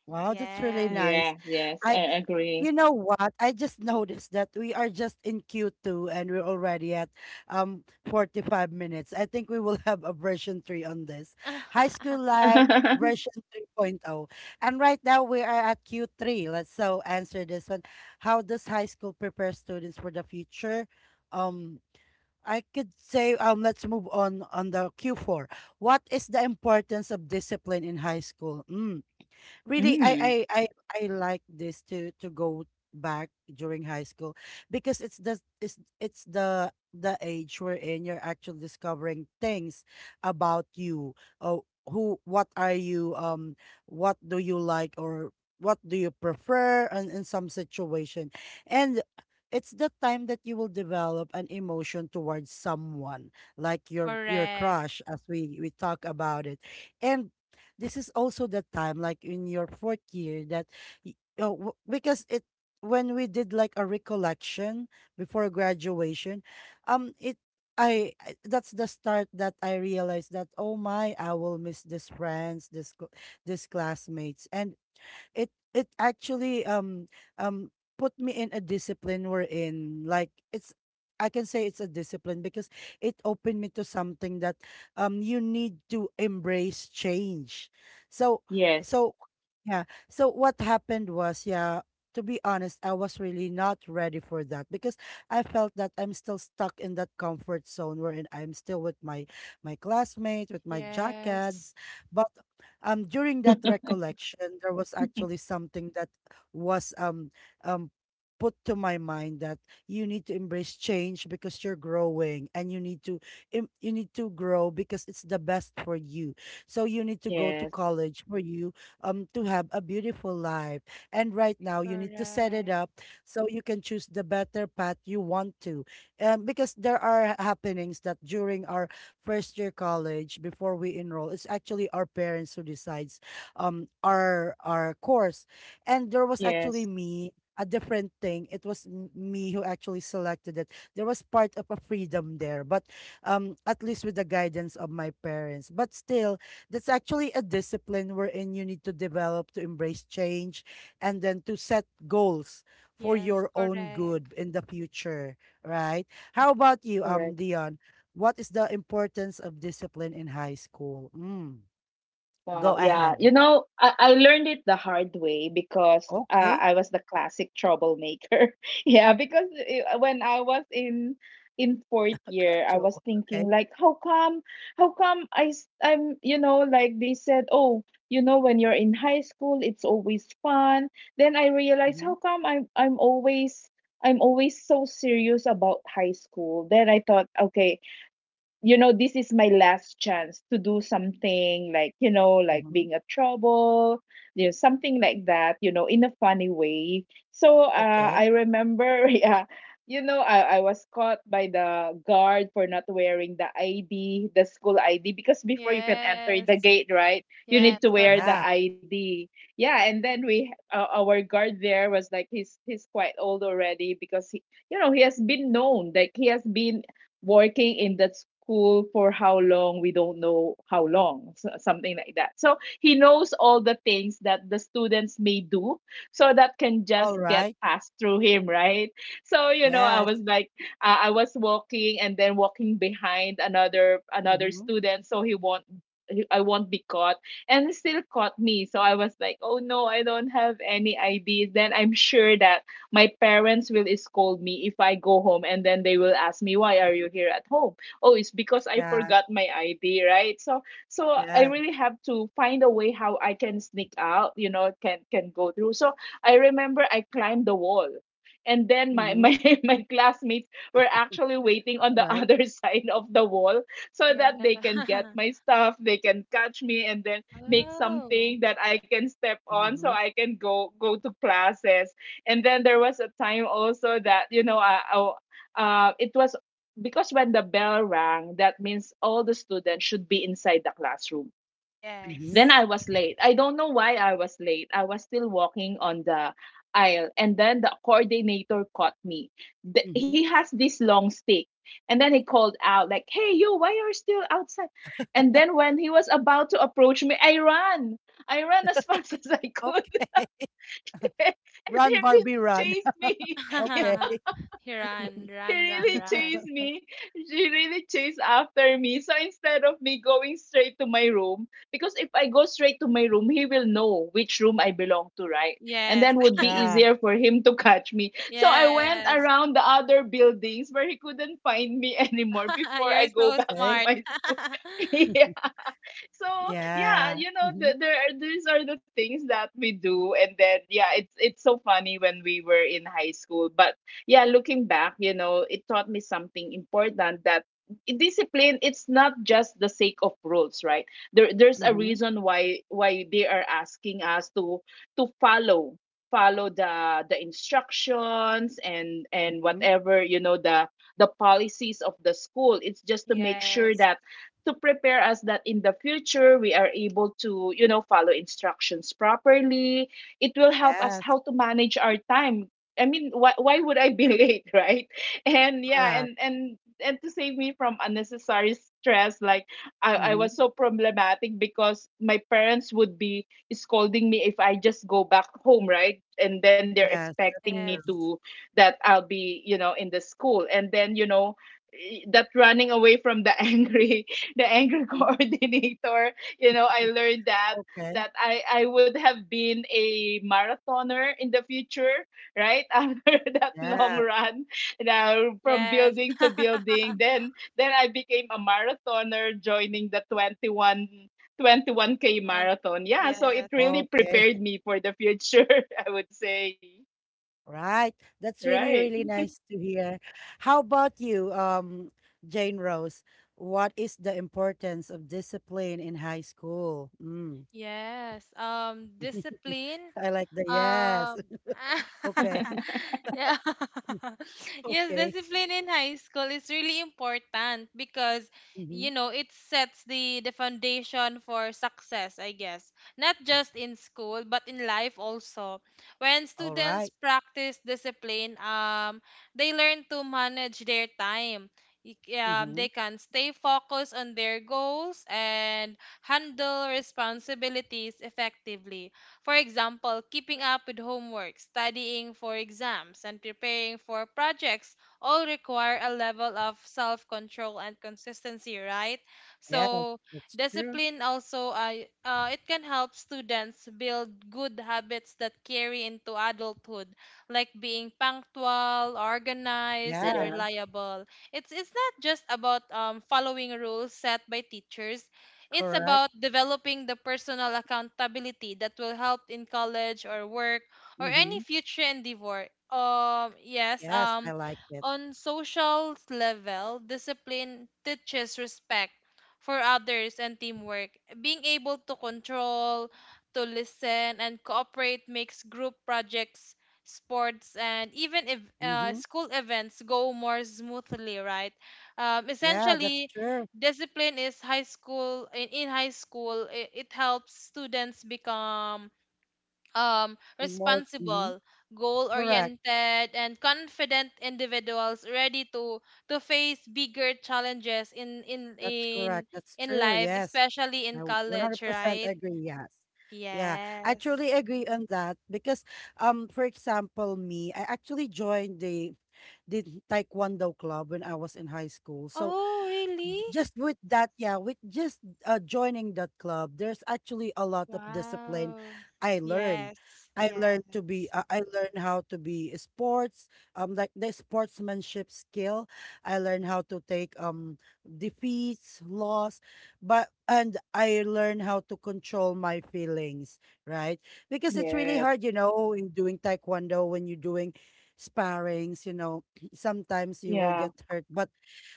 Speaker 1: Wow, that's really
Speaker 3: Yes.
Speaker 1: nice.
Speaker 2: Yeah. Yes.
Speaker 1: I,
Speaker 2: I agree.
Speaker 1: you know what? I just noticed that we are just in Q two and we're already at um forty-five minutes. I think we will have a version three on this. High School Life version 3.0. And right now we are at Q three. Let's so answer this one. How does high school prepare students for the future? Um I could say um let's move on on the Q four. What is the importance of discipline in high school? Mm, really, I
Speaker 2: Mm.
Speaker 1: I I I like this to to go back during high school because it's the it's it's the the age wherein you're actually discovering things about you. Oh, who what are you, um what do you like or what do you prefer in, in some situation? And it's the time that you will develop an emotion towards someone like your your
Speaker 3: Correct.
Speaker 1: crush, as we we talk about it. And this is also the time, like in your fourth year, that y- oh, w- because it when we did like a recollection before graduation, um, it I I- that's the start that I realized that, oh my, I will miss these friends, this cl- this classmates, and it it actually um um put me in a discipline we're in. Like it's, I can say it's a discipline because it opened me to something that um you need to embrace change. So so
Speaker 2: Yes.
Speaker 1: yeah. So what happened was, yeah, to be honest, I was really not ready for that because I felt that I'm still stuck in that comfort zone wherein I'm still with my my classmate, with my
Speaker 3: Yes,
Speaker 1: jackets. But um during that recollection there was actually something that was um um put to my mind that you need to embrace change because you're growing and you need to im- you need to grow because it's the best for you, so you need to go to
Speaker 2: Yes.
Speaker 1: college for you, um to have a beautiful life. And right now you need to set it
Speaker 3: correct.
Speaker 1: up so you can choose the better path you want to, um, because there are happenings that during our first year college, before we enroll, it's actually our parents who decides um our our course. And there was actually
Speaker 2: Yes.
Speaker 1: me a different thing, it was m- me who actually selected it. There was part of a freedom there, but um at least with the guidance of my parents, but still, that's actually a discipline wherein you need to develop to embrace change and then to set goals for
Speaker 3: Yes,
Speaker 1: your own
Speaker 3: correct.
Speaker 1: good in the future, right? How about you, um
Speaker 2: Correct.
Speaker 1: Dion? What is the importance of discipline in high school? Mm,
Speaker 2: Wow,
Speaker 1: go
Speaker 2: yeah. You
Speaker 1: ahead.
Speaker 2: know, I, I learned it the hard way because, uh,
Speaker 1: Okay.
Speaker 2: I was the classic troublemaker. Yeah, because, uh, when I was in in fourth year, I was
Speaker 1: Trouble.
Speaker 2: thinking
Speaker 1: Okay.
Speaker 2: like, how come, how come I s- I'm, you know, like they said, oh, you know, when you're in high school, it's always fun. Then I realized, how
Speaker 1: Mm-hmm.
Speaker 2: come I'm I'm always I'm always so serious about high school. Then I thought, okay, you know, this is my last chance to do something, like, you know, like
Speaker 1: Mm-hmm.
Speaker 2: being a trouble, you know, something like that, you know, in a funny way. So, uh,
Speaker 1: Okay.
Speaker 2: I remember yeah, you know, I, I was caught by the guard for not wearing the ID, the school ID, because before you can enter the
Speaker 3: Yes.
Speaker 2: gate, right, you
Speaker 3: Yes,
Speaker 2: need to wear the
Speaker 1: Yeah.
Speaker 3: correct.
Speaker 2: ID. Yeah. And then we, uh, our guard, there was like, he's he's quite old already because he, you know, he has been known, like he has been working in that school for how long, we don't know how long, so- something like that. So he knows all the things that the students may do, so that can just
Speaker 1: All
Speaker 2: get
Speaker 1: right.
Speaker 2: passed through him, right? So you know, I
Speaker 1: Yes.
Speaker 2: was like, uh, I was walking and then walking behind another another
Speaker 1: Mm-hmm.
Speaker 2: student, so he won't, he- I won't be caught. And he still caught me, so I was like, oh no, I don't have any I Ds. Then I'm sure that my parents will scold me if I go home, and then they will ask me, why are you here at home? Oh, it's because I
Speaker 1: Yeah.
Speaker 2: forgot my I D, right? So, so I
Speaker 1: Yeah.
Speaker 2: really have to find a way how I can sneak out, you know, can can go through. So I remember I climbed the wall. And then my,
Speaker 1: Mm-hmm.
Speaker 2: my my classmates were actually waiting on the
Speaker 1: All right.
Speaker 2: other side of the wall, so
Speaker 3: Yeah.
Speaker 2: that they can get my stuff, they can catch me and then make
Speaker 3: Oh.
Speaker 2: something that I can step on, so
Speaker 1: Mm-hmm.
Speaker 2: I can go go to classes. And then there was a time also that, you know, I, I- uh, it was because when the bell rang, that means all the students should be inside the classroom.
Speaker 1: Mm-hmm.
Speaker 2: Then
Speaker 3: Yes.
Speaker 2: I was late, I don't know why I was late, I was still walking on the aisle, and then the coordinator caught me. The,
Speaker 1: Mm-hmm.
Speaker 2: he has this long stick, and then he called out like, hey you, why are you still outside? And then when he was about to approach me, I ran. I ran as fast as I could.
Speaker 1: Okay.
Speaker 2: And he
Speaker 1: Run,
Speaker 2: really
Speaker 1: Barbie, run.
Speaker 2: chased me. Yeah.
Speaker 1: Okay.
Speaker 3: run
Speaker 2: She
Speaker 3: run run
Speaker 2: really
Speaker 3: run.
Speaker 2: chased me. She really chased after me. So instead of me going straight to my room, because if I go straight to my room, he will know which room I belong to, right? And
Speaker 3: Yes.
Speaker 2: then would be
Speaker 1: Yeah.
Speaker 2: easier for him to catch me. So I went
Speaker 3: Yes.
Speaker 2: around the other buildings where he couldn't find me anymore before I
Speaker 3: You're
Speaker 2: go
Speaker 3: so
Speaker 2: back to
Speaker 1: Okay.
Speaker 3: smart.
Speaker 2: my school. Yeah. So, yeah,
Speaker 1: Yeah.
Speaker 2: you know,
Speaker 1: Mm-hmm.
Speaker 2: the, there are, these are the things that we do, and then, yeah, it's it's so funny when we were in high school. But yeah, looking back, you know, it taught me something important, that discipline, it's not just the sake of rules, right? there there's a
Speaker 1: Mm-hmm.
Speaker 2: reason why why they are asking us to to follow follow the the instructions and and
Speaker 1: Mm-hmm.
Speaker 2: whatever you know, the the policies of the school, it's just to make sure
Speaker 3: Yes.
Speaker 2: that to prepare us that in the future we are able to, you know, follow instructions properly. It will help us
Speaker 1: Yes.
Speaker 2: how to manage our time. I mean, why, why would I be late, right? And yeah,
Speaker 1: Correct.
Speaker 2: and and and to save me from unnecessary stress, like, I, I was
Speaker 1: Mm-hmm.
Speaker 2: so problematic because my parents would be scolding me if I just go back home, right? And then they're
Speaker 1: Yes. That's
Speaker 2: expecting me
Speaker 1: true.
Speaker 2: to,
Speaker 3: Yes.
Speaker 2: that I'll be, you know, in the school. And then, you know, i- that running away from the angry, the anger
Speaker 1: Hmm.
Speaker 2: coordinator. You know, I learned that
Speaker 1: Okay.
Speaker 2: that I I would have been a marathoner in the future, right? After that long
Speaker 1: Yeah.
Speaker 2: run, now from
Speaker 3: Yes.
Speaker 2: building to building, then then I became a marathoner, joining the twenty one twenty one k
Speaker 3: Tama-
Speaker 2: marathon. Yeah, so it
Speaker 3: Yes.
Speaker 2: really
Speaker 1: Okay.
Speaker 2: prepared me for the future, I would say.
Speaker 1: Right. That's
Speaker 2: Right.
Speaker 1: really, really nice to hear. How about you, um, Jane Rose? What is the importance of discipline in high school? Mm.
Speaker 3: Yes. Um, discipline.
Speaker 1: I like the yes.
Speaker 3: Um,
Speaker 1: Okay.
Speaker 3: yeah. Yes,
Speaker 1: Okay.
Speaker 3: discipline in high school is really important because,
Speaker 1: Mm-hmm.
Speaker 3: you know, it sets the the foundation for success, I guess. Not just in school, but in life also. When
Speaker 1: All right.
Speaker 3: students practice discipline, um, they learn to manage their time. Y- Yeah,
Speaker 1: Mm-hmm.
Speaker 3: they can stay focused on their goals and handle responsibilities effectively. For example, keeping up with homework, studying for exams, and preparing for projects all require a level of self control and consistency, right?
Speaker 1: Yeah,
Speaker 3: So,
Speaker 1: that's true.
Speaker 3: discipline also uh, uh, it can help students build good habits that carry into adulthood, like being punctual, organized and
Speaker 1: Yeah,
Speaker 2: Yeah.
Speaker 3: reliable. it's it's not just about um, following rules set by teachers, it's
Speaker 1: correct.
Speaker 3: about developing the personal accountability that will help in college or work or any
Speaker 1: Mm-hmm.
Speaker 3: future endeavor. Um, yes,
Speaker 1: Yes, I
Speaker 3: um,
Speaker 1: like it.
Speaker 3: on social level, discipline teaches respect for others and teamwork. Being able to control, to listen, and cooperate makes group projects, sports, and even if, uh,
Speaker 1: Mm-hmm.
Speaker 3: school events go more smoothly, right? Um,
Speaker 1: Yeah, that's
Speaker 3: essentially,
Speaker 1: true.
Speaker 3: discipline is high school in, in high school it, it helps students become um,
Speaker 1: More. Mm-hmm.
Speaker 3: responsible, goal
Speaker 1: Correct.
Speaker 3: oriented and confident individuals ready to to face bigger challenges in in
Speaker 1: That's
Speaker 3: in
Speaker 1: correct. That's
Speaker 3: in
Speaker 1: true.
Speaker 3: life,
Speaker 1: Yes.
Speaker 3: especially
Speaker 1: I
Speaker 3: in college,
Speaker 1: one hundred percent
Speaker 3: right?
Speaker 1: agree. Yes. Yeah, I
Speaker 3: Yes.
Speaker 1: truly agree on that because, um for example, me, I actually joined the the Taekwondo club when I was in high school. So
Speaker 3: Oh really.
Speaker 1: just with that, yeah, with just uh, joining that club, there's actually a lot of discipline
Speaker 3: Wow.
Speaker 1: I learned.
Speaker 3: Yes.
Speaker 1: I
Speaker 3: Yes.
Speaker 1: learned to be, uh, I learned how to be sports, um, like the sportsmanship skill. I learned how to take um defeats, loss, but, and I learned how to control my feelings, right? Because it's really
Speaker 2: Yes.
Speaker 1: hard, you know, in doing taekwondo, when you're doing sparrings, you know, sometimes you will
Speaker 2: Yeah.
Speaker 1: get hurt, but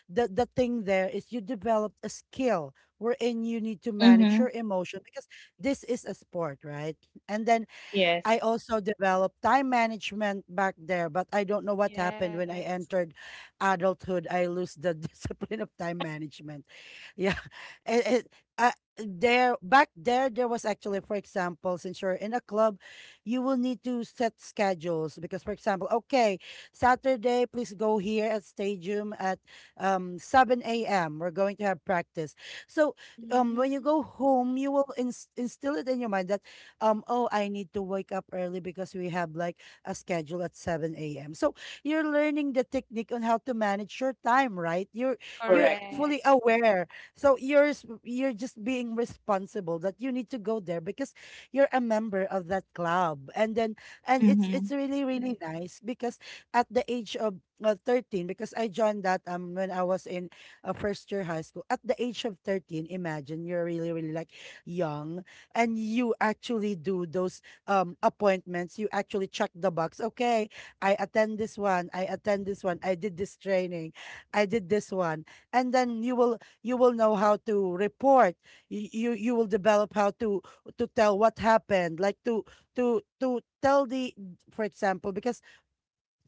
Speaker 1: the the thing there is you developed a skill wherein you need to manage
Speaker 2: Mm-hmm.
Speaker 1: your emotion because this is a sport, right? And then
Speaker 2: Yes.
Speaker 1: I also developed time management back there, but I don't know what happened when I
Speaker 3: Yes.
Speaker 1: entered adulthood. I lose the discipline of time management. Yeah. It, it, uh, there back there there was actually, for example, since you're in a club, you will need to set schedules, because for example, okay, saturday please go here at stadium at um seven a.m., we're going to have practice. So um when you
Speaker 3: Hmm.
Speaker 1: go home you will ins- instill it in your mind that, um, oh, I need to wake up early because we have like a schedule at seven a m. So you're learning the technique on how to manage your time, right? You're you're
Speaker 2: Correct.
Speaker 1: fully
Speaker 3: Correct.
Speaker 1: aware. So you're s- you're just being responsible that you need to go there because you're a member of that club. And then, and it's
Speaker 2: Mm-hmm.
Speaker 1: it's really really nice because at the age of, uh, thirteen, because I joined that um when I was in a first year high school at the age of thirteen. Imagine, you're really really like young, and you actually do those um appointments, you actually check the box, okay, I attend this one, I attend this one, I did this training, I did this one. And then you will, you will know how to report, you you, you will develop how to to tell what happened, like to to to tell the, for example, because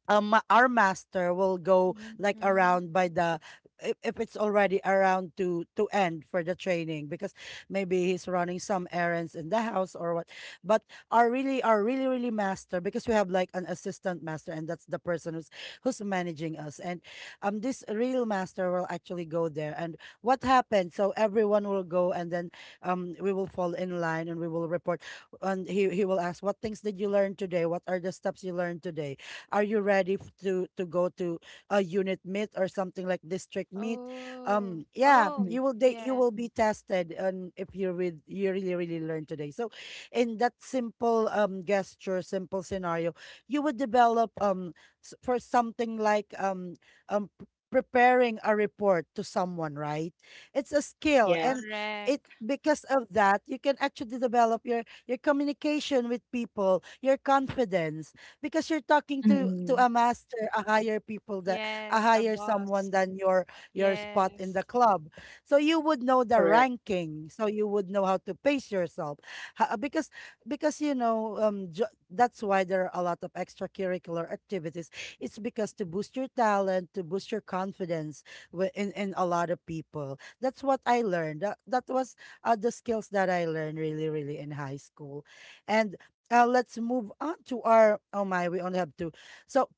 Speaker 1: um ma- our master will go like
Speaker 3: Hmm.
Speaker 1: around by the, if, if it's already around to to end for the training, because maybe he's running some errands in the house or what. But our really, our really really master, because we have like an assistant master, and that's the person who's who's managing us. And um this real master will actually go there and what happened, so everyone will go. And then um we will fall in line and we will report, and he he will ask what things did you learn today, what are the steps you learned today, are you ready f- to to go to a unit meet or something like district meet?
Speaker 3: Oh,
Speaker 1: Um yeah,
Speaker 3: oh,
Speaker 2: Mm-hmm.
Speaker 1: you will they you
Speaker 3: yeah,
Speaker 1: will be tested, and if you read, you really really learn today. So in that simple um gesture, simple scenario, you would develop, um, s- for something like, um um p- preparing a report to someone, right? It's a skill.
Speaker 2: Yes.
Speaker 1: And it
Speaker 3: correct.
Speaker 1: because of that you can actually develop your your communication with people, your confidence, because you're talking to to
Speaker 2: Mm,
Speaker 1: a master, a higher people that, a
Speaker 3: Yes, a
Speaker 1: higher someone
Speaker 3: boss.
Speaker 1: than your your spot in
Speaker 3: Yes,
Speaker 1: the club. So you would know the
Speaker 2: correct.
Speaker 1: ranking. So you would know how to pace yourself. Ha- uh, because because you know, um jo- that's why there are a lot of extracurricular activities. It's because to boost your talent, to boost your confidence, wi- in in a lot of people. That's what I learned. That that was, uh, the skills that I learned really really in high school. And, uh, let's move on to our, oh my, we only have two. So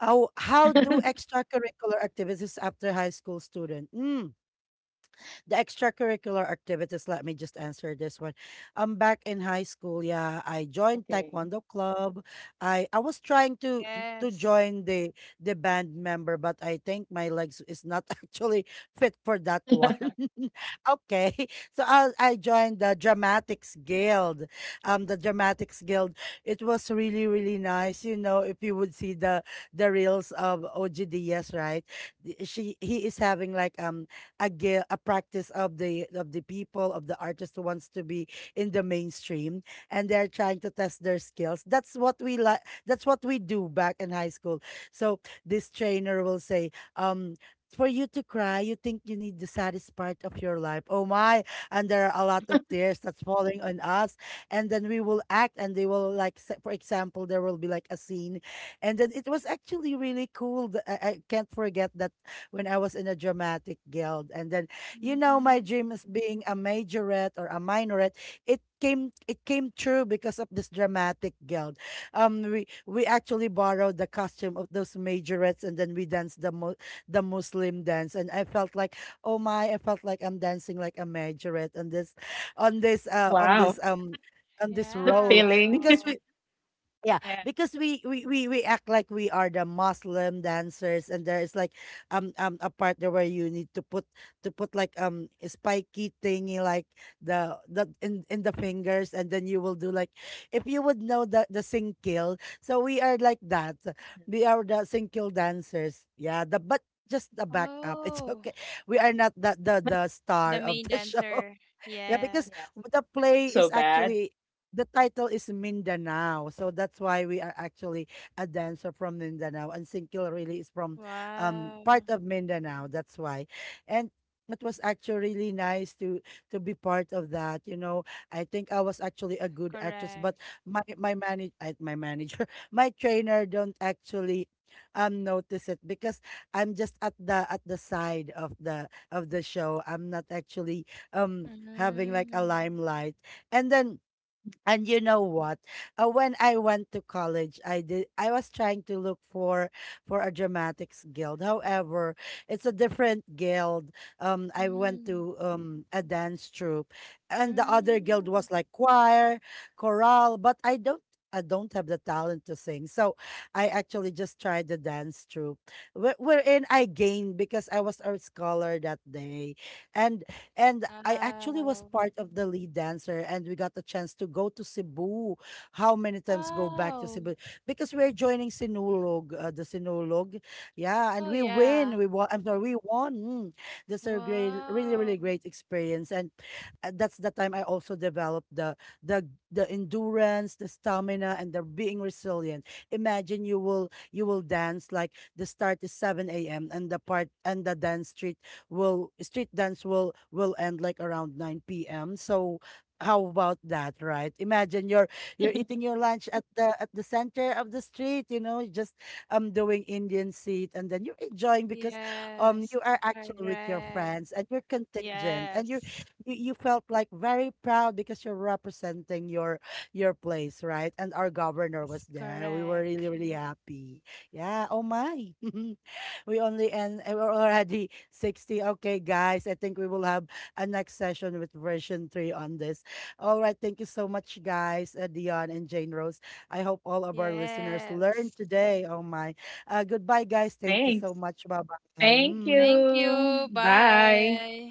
Speaker 1: how, how do extracurricular activities after high school student? Mm, the extracurricular activities, let me just answer this one. Um, back in high school, yeah, I joined
Speaker 2: Okay.
Speaker 1: Taekwondo club. I I was trying to to
Speaker 3: yes.
Speaker 1: join the the band member, but I think my legs is not actually fit for that one. Okay, so I I joined the Dramatics Guild. Um, the Dramatics Guild. It was really really nice. You know, if you would see the the reels of O G, right? th- She he is having like um a gi- a practice of the of the people of the artist who wants to be in the mainstream, and they're trying to test their skills. That's what we like, that's what we do back in high school. So this trainer will say, um, for you to cry, you think you need the saddest part of your life. Oh my! And there are a lot of tears that's falling on us. And then we will act, and they will like, s- for example, there will be like a scene, and then it was actually really cool. th- I, I can't forget that when I was in a dramatic guild. And then, you know, my
Speaker 3: Mm-hmm.
Speaker 1: dream is being a majorette or a minorette. It came it came true because of this dramatic guild. Um, we we actually borrowed the costume of those majorettes, and then we danced the mo- the Muslim dance. And I felt like, oh my, I felt like I'm dancing like a majorette on this, on this,
Speaker 2: Wow,
Speaker 1: uh, on this um.
Speaker 2: the
Speaker 1: On this
Speaker 3: Yeah.
Speaker 1: role,
Speaker 2: feeling.
Speaker 1: because we
Speaker 2: Yeah.
Speaker 1: yeah, because we, we we we act like we are the Muslim dancers, and there is like um um a part there where you need to put to put like um a spiky thingy like the the in in the fingers, and then you will do like if you would know the the singkil. So we are like that. We are the singkil dancers. Yeah, the but just the backup. It's
Speaker 3: Oh,
Speaker 1: okay. We are not the the the
Speaker 3: the
Speaker 1: star
Speaker 3: main
Speaker 1: of the show.
Speaker 3: dancer.
Speaker 1: Yeah,
Speaker 2: Yeah.
Speaker 1: because
Speaker 3: Yes.
Speaker 1: the
Speaker 2: So
Speaker 1: play is
Speaker 2: bad.
Speaker 1: actually the title is Mindanao. So that's why we are actually a dancer from Mindanao, and Singkil really is from um
Speaker 3: Wow.
Speaker 1: part of Mindanao. That's why. And it was actually really nice to to be part of that. You know, I think I was
Speaker 3: S-
Speaker 1: actually a good actress, but
Speaker 3: Correct.
Speaker 1: my my manage my manager, my trainer don't actually um notice it because I'm just at the at the side of the of the show. I'm not actually um having like a
Speaker 3: Mm-hmm.
Speaker 1: limelight. And then and you know what, uh, when I went to college i did I was trying to look for for a dramatics guild. However, it's a different guild. um I went
Speaker 3: Mm-hmm.
Speaker 1: to um a dance troupe, and the other guild
Speaker 3: Mm-hmm.
Speaker 1: was like choir, chorale, but i don't I don't have the talent to sing. So I actually just tried the dance troupe, wh- wherein I gained because I was a scholar that day. And and I actually was
Speaker 3: Wow.
Speaker 1: part of the lead dancer, and we got the chance to go to Cebu. How many times go back to
Speaker 3: Wow.
Speaker 1: Cebu? Because we're joining Sinulog, uh, the Sinulog. Yeah,
Speaker 3: Oh,
Speaker 1: and we
Speaker 3: yeah.
Speaker 1: win. We won. I'm sorry, we won. Mm. That's a great, really,
Speaker 3: Wow.
Speaker 1: really great experience. And uh, that's the time I also developed the the the endurance, the stamina, and the being resilient. Imagine you will you will dance like the start is seven a m and the part and the dance street will street dance will will end like around nine p m. So how about that, right? Imagine you're you're eating your lunch at the at the center of the street, you know, just um doing Indian seat, and then you're enjoying because um
Speaker 3: Yes.
Speaker 1: you are actually with your
Speaker 3: Correct.
Speaker 1: friends and you're contingent, and you're
Speaker 3: Yes.
Speaker 1: you, you felt like very proud because you're representing your your place, right? And our governor
Speaker 3: Yes,
Speaker 1: was there. We were
Speaker 3: correct.
Speaker 1: really, really happy. Yeah. Oh my. we only and we're already sixty. Okay, guys, I think we will have a next session with version three on this. All right, thank you so much, guys, uh, Dion and Jane Rose. I hope all of our listeners
Speaker 3: Yes.
Speaker 1: learned today. Oh, my. Uh, goodbye, guys. Thank you
Speaker 2: Thanks.
Speaker 1: so much. Bye bye.
Speaker 2: Thank
Speaker 1: Mm.
Speaker 3: Thank you.
Speaker 2: you. Bye.
Speaker 3: Bye.